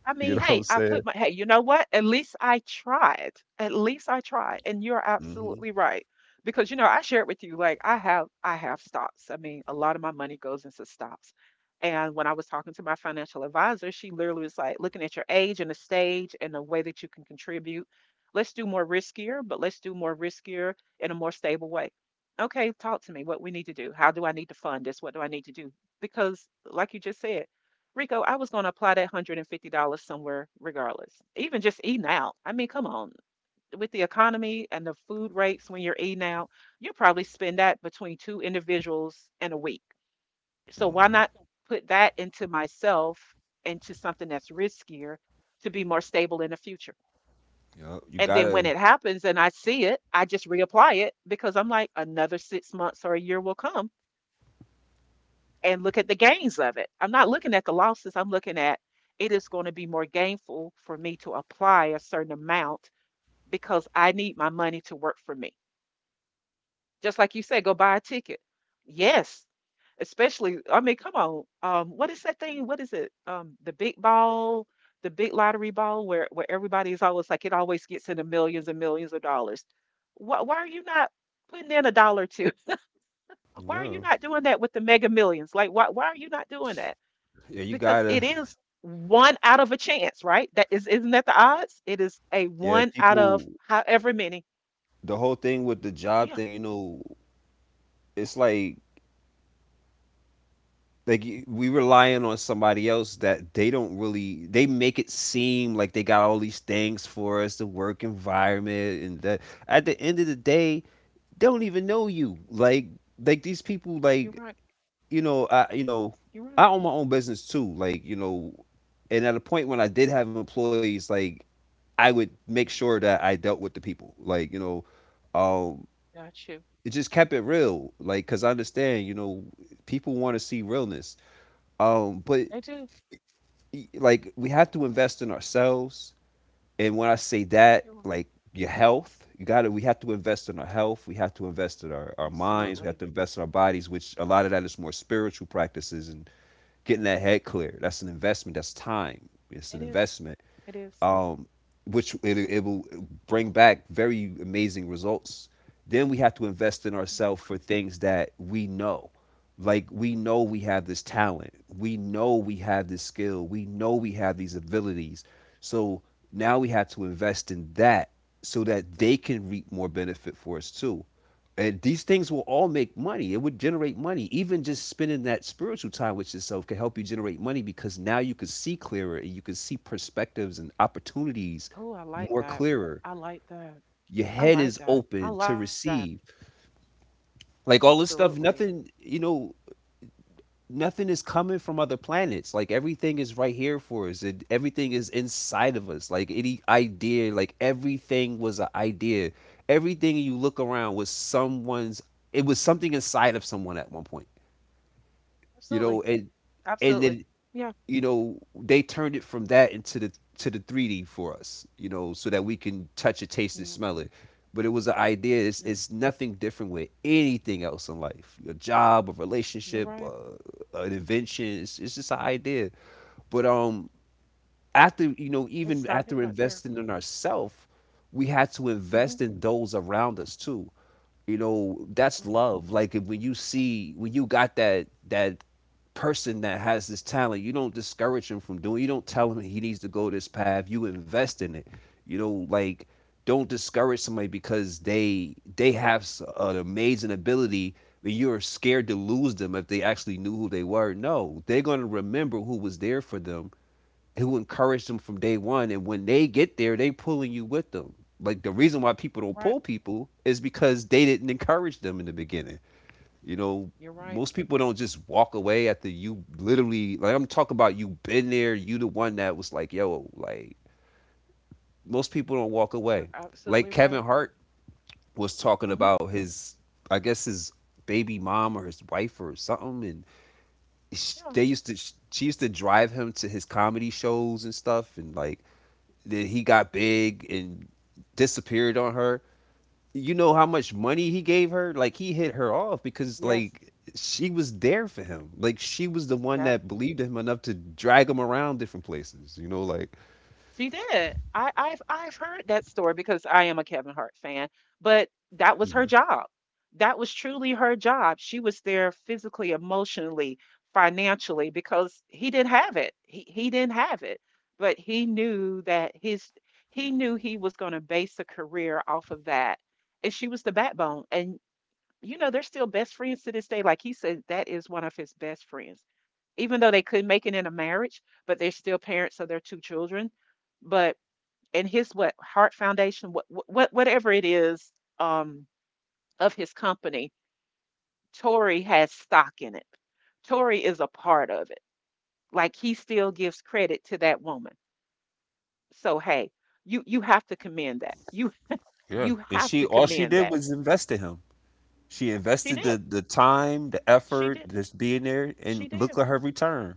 B: I
A: You
B: mean,
A: know what
B: hey,
A: I'm saying?
B: hey, you know what? At least I tried. At least I tried. And you're
A: Mhm,
B: absolutely right. Because, you know, I shared with you, like I have stocks. I mean, a lot of my money goes into stocks. And when I was talking to my financial advisor, she literally was like, looking at your age and the stage and the way that you can contribute, let's do more riskier, but let's do more riskier in a more stable way. Okay, talk to me what we need to do. How do I need to fund this? What do I need to do? Because, like you just said, Rico, I was going to apply that $150 somewhere regardless. Even just eating out. I mean, come on. With the economy and the food rates when you're eating out, you probably spend that between two individuals in a week. So why not
A: mhm.
B: put that into myself into something that's riskier to be more stable in the future?
A: Yup, you
B: And then when
A: gotta.
B: it happens and I see it, I just reapply it because I'm like, another 6 months or a year will come and look at the gains of it. I'm not looking at the losses. I'm looking at it is going to be more gainful for me to apply a certain amount because I need my money to work for me. Just like you said, go buy a ticket. Yes, especially, I mean, come on. What is that thing? What is it? The big lottery ball where, everybody is always like, it always gets in the millions and millions of dollars. Why are you not putting in a dollar or two? Why are you
A: Yeah.
B: not doing that with the mega millions? Like, why are you not doing that?
A: Yeah, you
B: Because it
A: gotta.
B: is one out of a chance, right? Isn't that the odds? It is a
A: Yeah,
B: one out of
A: people,
B: however many.
A: the whole thing with the job
B: Yeah,
A: thing, you know, it's like we relying on somebody else that they don't really they make it seem like they got all these things for us, the work environment and that at the end of the day, they don't even know you. Like these people
B: you're
A: like,
B: right.
A: you know,
B: You're right.
A: I own my own business too. Like, you know, and at a point when I did have employees, like I would make sure that I dealt with the people. Like, you know, um,
B: Got you.
A: it just kept it real. Like, cause I understand, you know, people want to see realness. But
B: They do.
A: like, we have to invest in ourselves. And when I say that,
B: You're right.
A: like your health, we have to invest in our health. We have to invest in our minds. We
B: Absolutely.
A: have to invest in our bodies, which a lot of that is more spiritual practices and getting that head clear. That's an investment. That's time. It's
B: It
A: an
B: is.
A: investment,
B: It is.
A: um, which it will bring back very amazing results. Then we have to invest in
B: Mm.
A: ourselves for things that we know. Like we know we have this talent, we know we have this skill, we know we have these abilities. So now we have to invest in that so that they can reap more benefit for us too. And these things will all make money. It would generate money. Even just spending that spiritual time with yourself can help you generate money because now you can see clearer and you can see perspectives and opportunities
B: Oh, I like
A: more
B: that.
A: clearer.
B: I like that.
A: Your
B: I
A: head
B: like
A: is
B: that. I
A: open to
B: like that.
A: receive. Like all this stuff,
B: Absolutely.
A: nothing, you know, nothing is coming from other planets. Like everything is right here for us and everything is inside of us. Like any idea, like everything was an idea. Everything you look around was it was something inside of someone at one point, you
B: Absolutely.
A: know. And
B: Absolutely.
A: then,
B: Yeah.
A: you know, they turned it from that into the to the 3D for us, you know, so that we can touch it, taste it,
B: Yeah.
A: smell it. But it was an idea.
B: Yeah.
A: It's nothing different with anything else in life: a job, a
B: You're
A: relationship,
B: right.
A: an invention. It's just an idea. But after you know,
B: It
A: even
B: started
A: after
B: right there.
A: investing in ourselves, we had to
B: Mm-hmm.
A: invest in those around us too. You know, that's
B: Mm.
A: love. Like if, when you see when you got that that person that has this talent, you don't discourage him from doing, you don't tell him he needs to go this path, you invest in it. You know, like don't discourage somebody because they have an amazing ability and you're scared to lose them. If they actually knew who they were, no, they're going to remember who was there for them, who encouraged them from day one. And when they get there, they pulling you with them. Like the reason why people don't pull
B: Right.
A: people is because they didn't encourage them in the beginning. You know,
B: You're right.
A: most people don't just walk away after you literally like I'm talking about you been there, you the one that was like, yo, like most people don't walk away.
B: You're
A: Like
B: absolutely
A: Kevin
B: right.
A: Hart was talking
B: Mm-hmm.
A: about his, I guess his baby mom or his wife or something, and sh-
B: Yeah.
A: they used to sh- she used to drive him to his comedy shows and stuff, and like that he got big and disappeared on her. You know how much money he gave her? Like he hit her off because
B: Yes.
A: like she was there for him. Like she was the one
B: Yep.
A: that believed in him enough to drag him around different places. You know, like
B: She did. I've heard that story because I am a Kevin Hart fan, but that was her
A: mhm,
B: job. That was truly her job. She was there physically, emotionally, financially, because he didn't have it. He didn't have it. But he knew that his he knew he was going to base a career off of that. And she was the backbone. And you know, they're still best friends to this day. Like he said, that is one of his best friends. Even though they couldn't make it in a marriage, but they're still parents of their two children. But in his what Heart Foundation, whatever it is um, of his company, Tory has stock in it. Tory is a part of it. Like he still gives credit to that woman. So hey, you have to commend that. You
A: yeah.
B: you
A: And
B: have
A: she
B: to
A: all she
B: commend
A: did
B: that.
A: was invest in him. She
B: She
A: invested
B: did.
A: the time, the
B: She
A: effort,
B: did.
A: just being there, and
B: She
A: look
B: did.
A: at her return.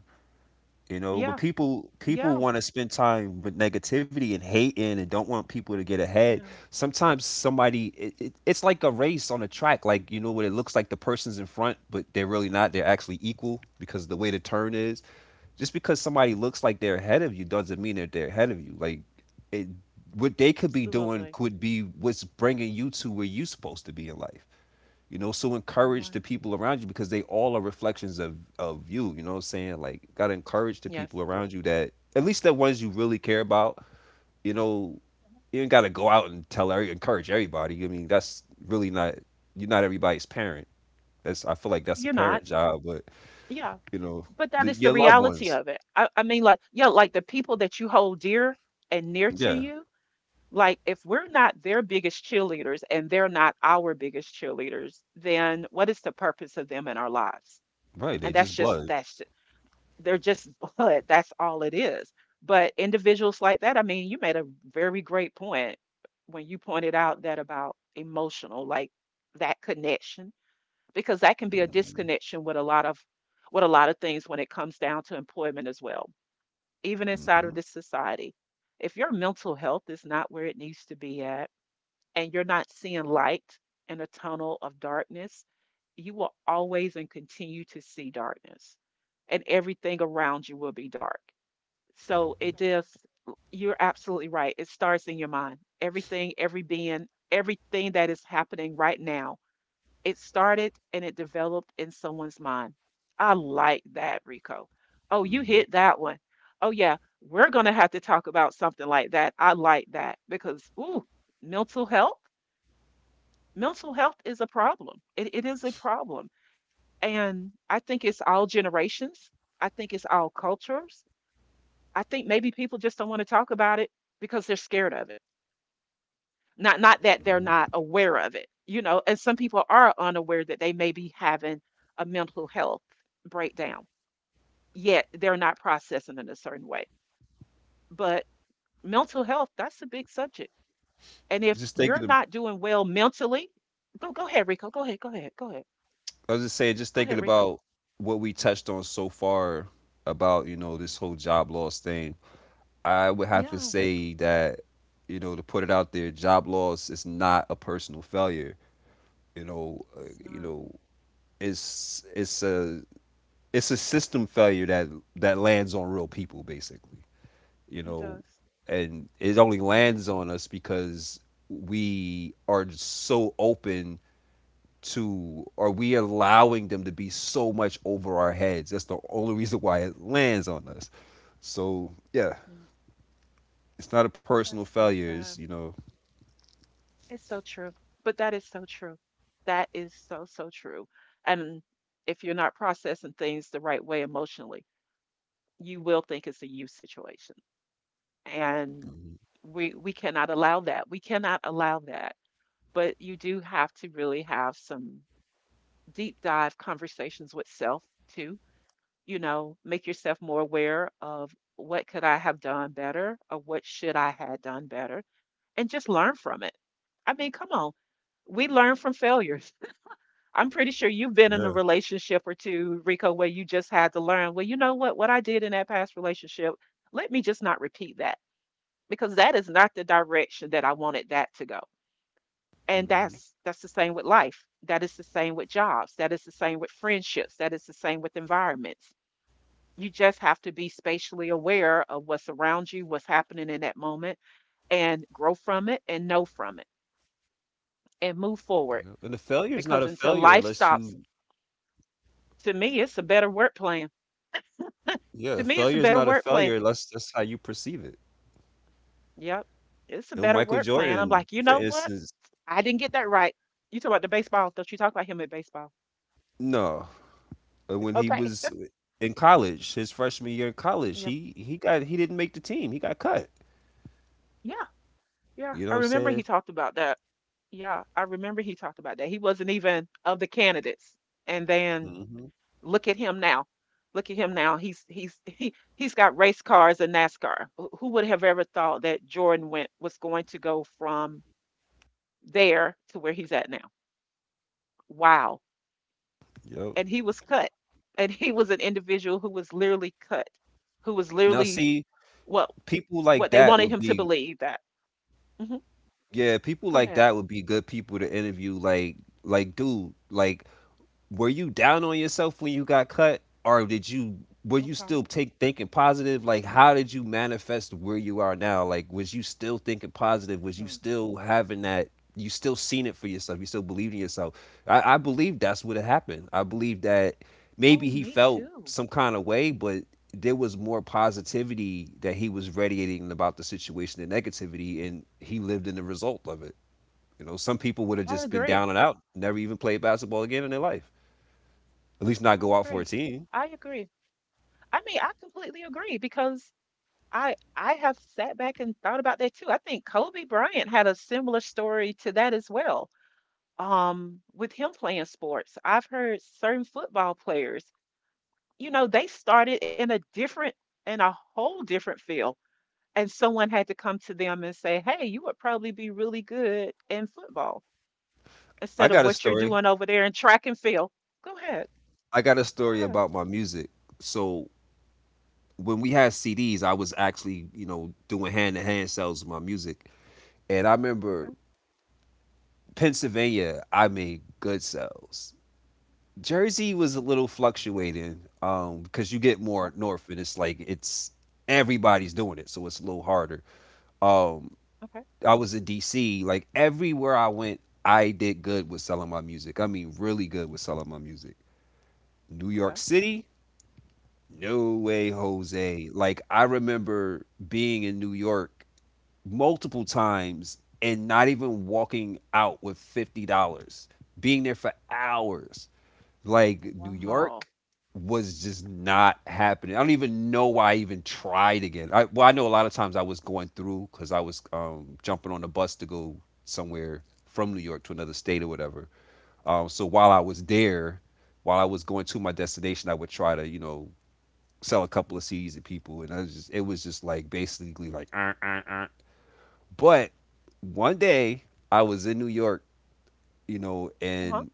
A: You know, but
B: Yeah.
A: people
B: Yeah.
A: want to spend time with negativity and hating and don't want people to get ahead.
B: Yeah.
A: Sometimes somebody it's like a race on a track, like you know what it looks like the person's in front, but they're really not. They're actually equal because the way the turn is. Just because somebody looks like they're ahead of you doesn't mean that they're ahead of you. Like it, what they could be doing
B: Absolutely.
A: could be what's bringing you to where you're supposed to be in life. You know, so
B: You're
A: encourage
B: right.
A: the people around you because they all are reflections of you. You know what I'm saying? Like, gotta encourage the people
B: Yes.
A: around you that at least the ones you really care about. You know, you ain't gotta go out and tell every, encourage everybody. I mean, that's really not you're not everybody's parent. That's I feel like that's a
B: You're not.
A: parent job, but
B: Yeah.
A: you know,
B: But that is the
A: your loved
B: reality
A: ones.
B: of it. I mean, like, yeah, like the people that you hold dear and near to
A: Yeah,
B: you, like, if we're not their biggest cheerleaders and they're not our biggest cheerleaders, then what is the purpose of them in our lives?
A: right. They
B: And that's
A: just
B: just,
A: blood.
B: that's, ju- they're just blood. That's all it is. But individuals like that, I mean, you made a very great point when you pointed out that about emotional, like that connection because that can be a
A: hmm
B: disconnection with a lot of things when it comes down to employment as well, even inside
A: hmm
B: of this society. If your mental health is not where it needs to be at and you're not seeing light in a tunnel of darkness, you will always and continue to see darkness, and everything around you will be dark. So it just you're absolutely right. It starts in your mind. Everything, everything that is happening right now, it started and it developed in someone's mind. I like that, Rico. Oh, you
A: hmm
B: hit that one. Oh, yeah, we're going to have to talk about something like that. I like that because, ooh, mental health. Mental health is a problem. It is a problem. And I think it's all generations. I think it's all cultures. I think maybe people just don't want to talk about it because they're scared of it. Not that they're
A: hmm
B: not aware of it, you know, and some people are unaware that they may be having a mental health breakdown, yet they're not processing in a certain way. But mental health, that's a big subject. And if
A: Just
B: you're
A: thinking, of,
B: not doing well mentally, go ahead, Rico. Go ahead, go ahead, go ahead.
A: I was just saying, just
B: Go ahead,
A: thinking
B: Rico.
A: about what we touched on so far about, you know, this whole job loss thing. I would have to
B: Yeah,
A: say that, you know, to put it out there, job loss is not a personal failure. You know, uh,
B: it's
A: you
B: not.
A: know, it's a it's a system failure that lands on real people basically. You
B: It
A: know,
B: does.
A: and it only
B: Yeah,
A: lands on us because we are so open to are we allowing them to be so much over our heads? That's the only reason why it lands on us. So yeah,
B: yeah.
A: it's not a personal
B: That's so
A: failure. It's you
B: sad.
A: know,
B: It's so true. But that is so true. That is so, so true. And if you're not processing things the right way emotionally, you will think it's a you situation. And we cannot allow that. We cannot allow that. But you do have to really have some deep dive conversations with self too. You know, make yourself more aware of what could I have done better or what should I have done better, and just learn from it. I mean, come on. We learn from failure. I'm pretty sure you've been in a
A: Yeah.
B: relationship or two, Rico, where you just had to learn, well, you know what? What I did in that past relationship, let me just not repeat that because that is not the direction that I wanted that to go. And
A: Mhm.
B: that's the same with life. That is the same with jobs. That is the same with friendships. That is the same with environments. You just have to be spatially aware of what's around you, what's happening in that moment, and grow from it and know from it and move
A: yeah.
B: forward.
A: and the failure is not a
B: Because
A: failure
B: until life
A: unless you
B: stops, to me, it's a better word plan
A: yeah,
B: to me,
A: failure
B: it's
A: is
B: a
A: not a
B: better word
A: failure
B: play.
A: unless that's how you perceive it.
B: Yep, it's a
A: You know,
B: better
A: Michael
B: word play. And I'm
A: Jordan,
B: like, you
A: for
B: know what?
A: instance,
B: I didn't get that right. You talk about the baseball. Don't you talk about him at baseball?
A: no, uh, when he
B: Okay.
A: was in college, his freshman year in college,
B: Yeah.
A: he didn't make the team. He got cut.
B: Yeah. Yeah.
A: You know
B: I
A: what I'm
B: remember he
A: saying?
B: talked about that. Yeah. I remember he talked about that. He wasn't even of the candidates. And then
A: hmm
B: look at him now. Look at him now. He's got race cars and NASCAR. Who would have ever thought that Jordan went was going to go from there to where he's at now? Wow.
A: Yep.
B: And he was cut. And he was an individual who was literally cut, who was
A: Now
B: literally
A: see,
B: what
A: People like
B: what they
A: that
B: wanted
A: would
B: him to
A: be
B: believe that. Hmm.
A: yeah, people
B: Go
A: like
B: ahead.
A: that would be good people to interview. Like dude, like were you down on yourself when you got cut, or did you were you
B: Okay.
A: still take thinking positive? Like how did you manifest where you are now? Like was you still thinking positive, was you
B: Hmm.
A: still having that, you still seen it for yourself, you still believed in yourself? I believe that's what had happened. I believe that maybe
B: Oh,
A: he
B: me
A: felt
B: too.
A: some kind of way, but there was more positivity that he was radiating about the situation than negativity, and he lived in the result of it. You know, some people would have
B: I
A: just been
B: agree.
A: down and out, never even played basketball again in their life, at least not
B: I
A: go out for
B: agree.
A: a team.
B: I agree. I mean, I completely agree because I have sat back and thought about that too. I think Kobe Bryant had a similar story to that as well. With him playing sports, I've heard certain football players, you know, they started in a whole different field. And someone had to come to them and say, "Hey, you would probably be really good in football
A: I
B: instead of
A: got a
B: what you're
A: story.
B: doing over there in track and field. Go ahead.
A: I got a
B: Go
A: story
B: ahead."
A: about my music. So when we had CDs, I was actually, you know, doing hand to hand sales with my music. And I remember
B: Okay.
A: Pennsylvania, I made good sales. Jersey was a
B: Okay.
A: little fluctuating, because you get
B: Okay.
A: more north and it's like it's everybody's doing it, so it's a little harder. Um,
B: Okay.
A: I was in DC, like everywhere I went, I did good with selling my music. I mean, really good with selling my music. New
B: Okay.
A: York City, no way, Jose. Like I remember being in New York multiple times and not even walking out with $50, being there for hours. Like New
B: Wow.
A: York was just not happening. I don't even know why I even tried again. I well, I know a lot of times I was going through because I was jumping on a bus to go somewhere from New York to another state or whatever. So while I was there, while I was going to my destination, I would try to, you know, sell a couple of CDs to people, and I was just it was just like basically like, uh." But one day I was in New York, you know,
B: Uh-huh.
A: and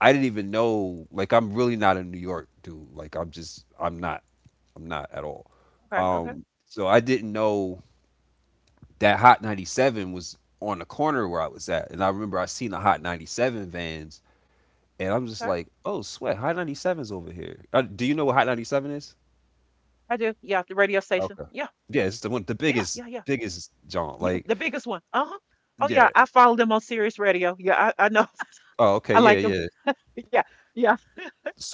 A: I didn't even know. Like I'm really not a New York dude. Like I'm not at all.
B: Okay. Okay.
A: So I didn't know that Hot 97 was on the corner where I was at, and I remember I seen the Hot 97 vans, and I'm just
B: Okay.
A: like, oh sweat, Hot 97's over here. Do you know what Hot 97 is?
B: I do. Yeah, the radio station.
A: Okay.
B: Yeah.
A: Yeah, it's the one, the
B: Yeah.
A: biggest
B: Yeah. Yeah.
A: biggest jaunt,
B: Yeah.
A: like
B: The biggest one. Uh-huh. Oh yeah.
A: yeah.
B: I follow them on Sirius Radio. Yeah, I know.
A: Oh, okay,
B: I
A: yeah,
B: like them.
A: yeah.
B: Yeah. Yeah.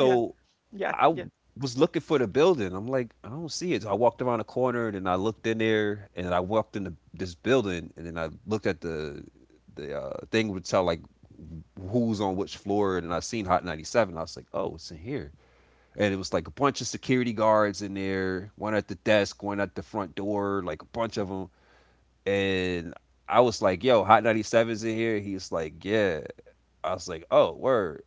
B: Yeah. Yeah.
A: I
B: Yeah.
A: w was looking for the building. I'm like, "I don't see it," so I walked around the corner, and I looked in there, and I walked into this building, and then I looked at the thing would tell, like, who's on which floor, and I seen Hot 97. I was like, "Oh, it's in here," and it was, like, a bunch of security guards in there, one at the desk, one at the front door, like, a bunch of them. And I was like, "Yo, Hot 97's in here." He's like, "Yeah." I was like, "Oh, word."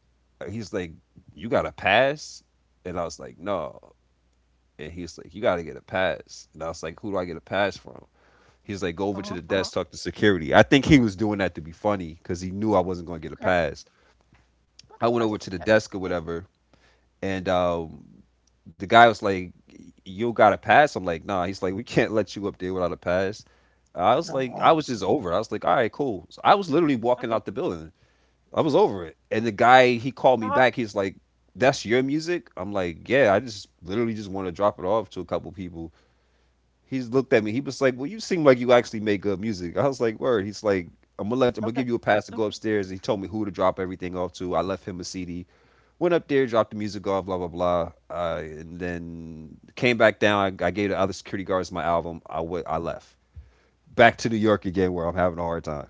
A: He's like, "You got a pass?" And I was like, "No." And he's like, "You got to get a pass." And I was like, "Who do I get a pass from?" He's like, "Go over to
B: Uh-huh.
A: the
B: Uh-huh.
A: desk, talk to security." I think he was doing that to be funny because he knew I wasn't going to get a
B: Okay.
A: pass. I
B: Of
A: went over
B: course.
A: to the
B: Yes.
A: desk or
B: Yes.
A: whatever, and the guy was like, "You got a pass?" I'm like, "Nah." He's like, "We can't let you up there without a pass." I was like,
B: Uh,
A: I was just over it. I was like, all right, cool. So I was literally walking
B: Okay.
A: out the building. I was over it. And the guy, he called me
B: Uh-huh.
A: back. He's like, that's your music? I'm like, yeah, I just literally just want to drop it off to a couple people. He's looked at me. He was like, well, you seem like you actually make good music. I was like, word. He's like, I'm gonna
B: Okay.
A: give you a pass to go
B: Okay.
A: upstairs. He told me who to drop everything off to. I left him a CD. Went up there, dropped the music off, blah blah blah, and then came back down. I gave the other security guards my album. I left back to New York again where I'm having a hard time.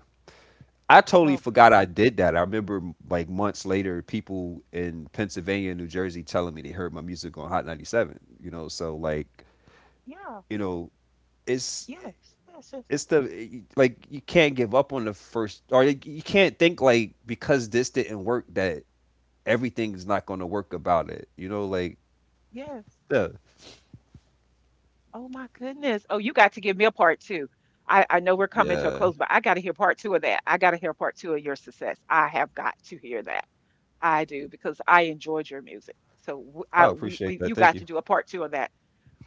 A: I totally
B: Okay.
A: forgot I did that. I remember like months later, people in Pennsylvania and New Jersey telling me they heard my music on Hot 97. You know, so like,
B: Yeah.
A: you know, it's
B: Yes. Yes. Yes.
A: it's the like you can't give up on the first, or like, you can't think like because this didn't work that everything's not going to work about it, you know, like
B: Yes.
A: yeah.
B: Oh my goodness. Oh, you got to give me a part two. I know we're coming to a
A: Yeah.
B: close, but I got to hear part two of that. I got to hear part two of your success. I have got to hear that. I do because I enjoyed your music. So
A: I appreciate that.
B: you
A: Thank
B: got
A: you.
B: to do a part two of that.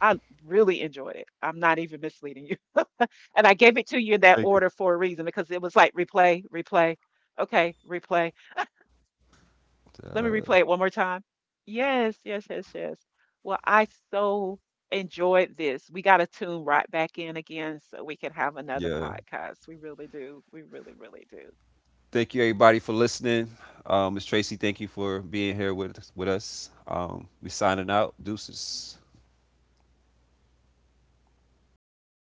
B: I really enjoyed it. I'm not even misleading you. And I gave it to you in that
A: Thank you.
B: order for a reason because it was like replay, replay, okay, replay. Let me
A: Uh,
B: replay it one more time. Yes, yes, yes, yes. Well, I so enjoyed this. We got to tune right back in again so we can have another
A: yeah.
B: podcast. We really do. We really, really do.
A: Thank you, everybody, for listening. Ms. Tracy, thank you for being here with us. We signing out. Deuces.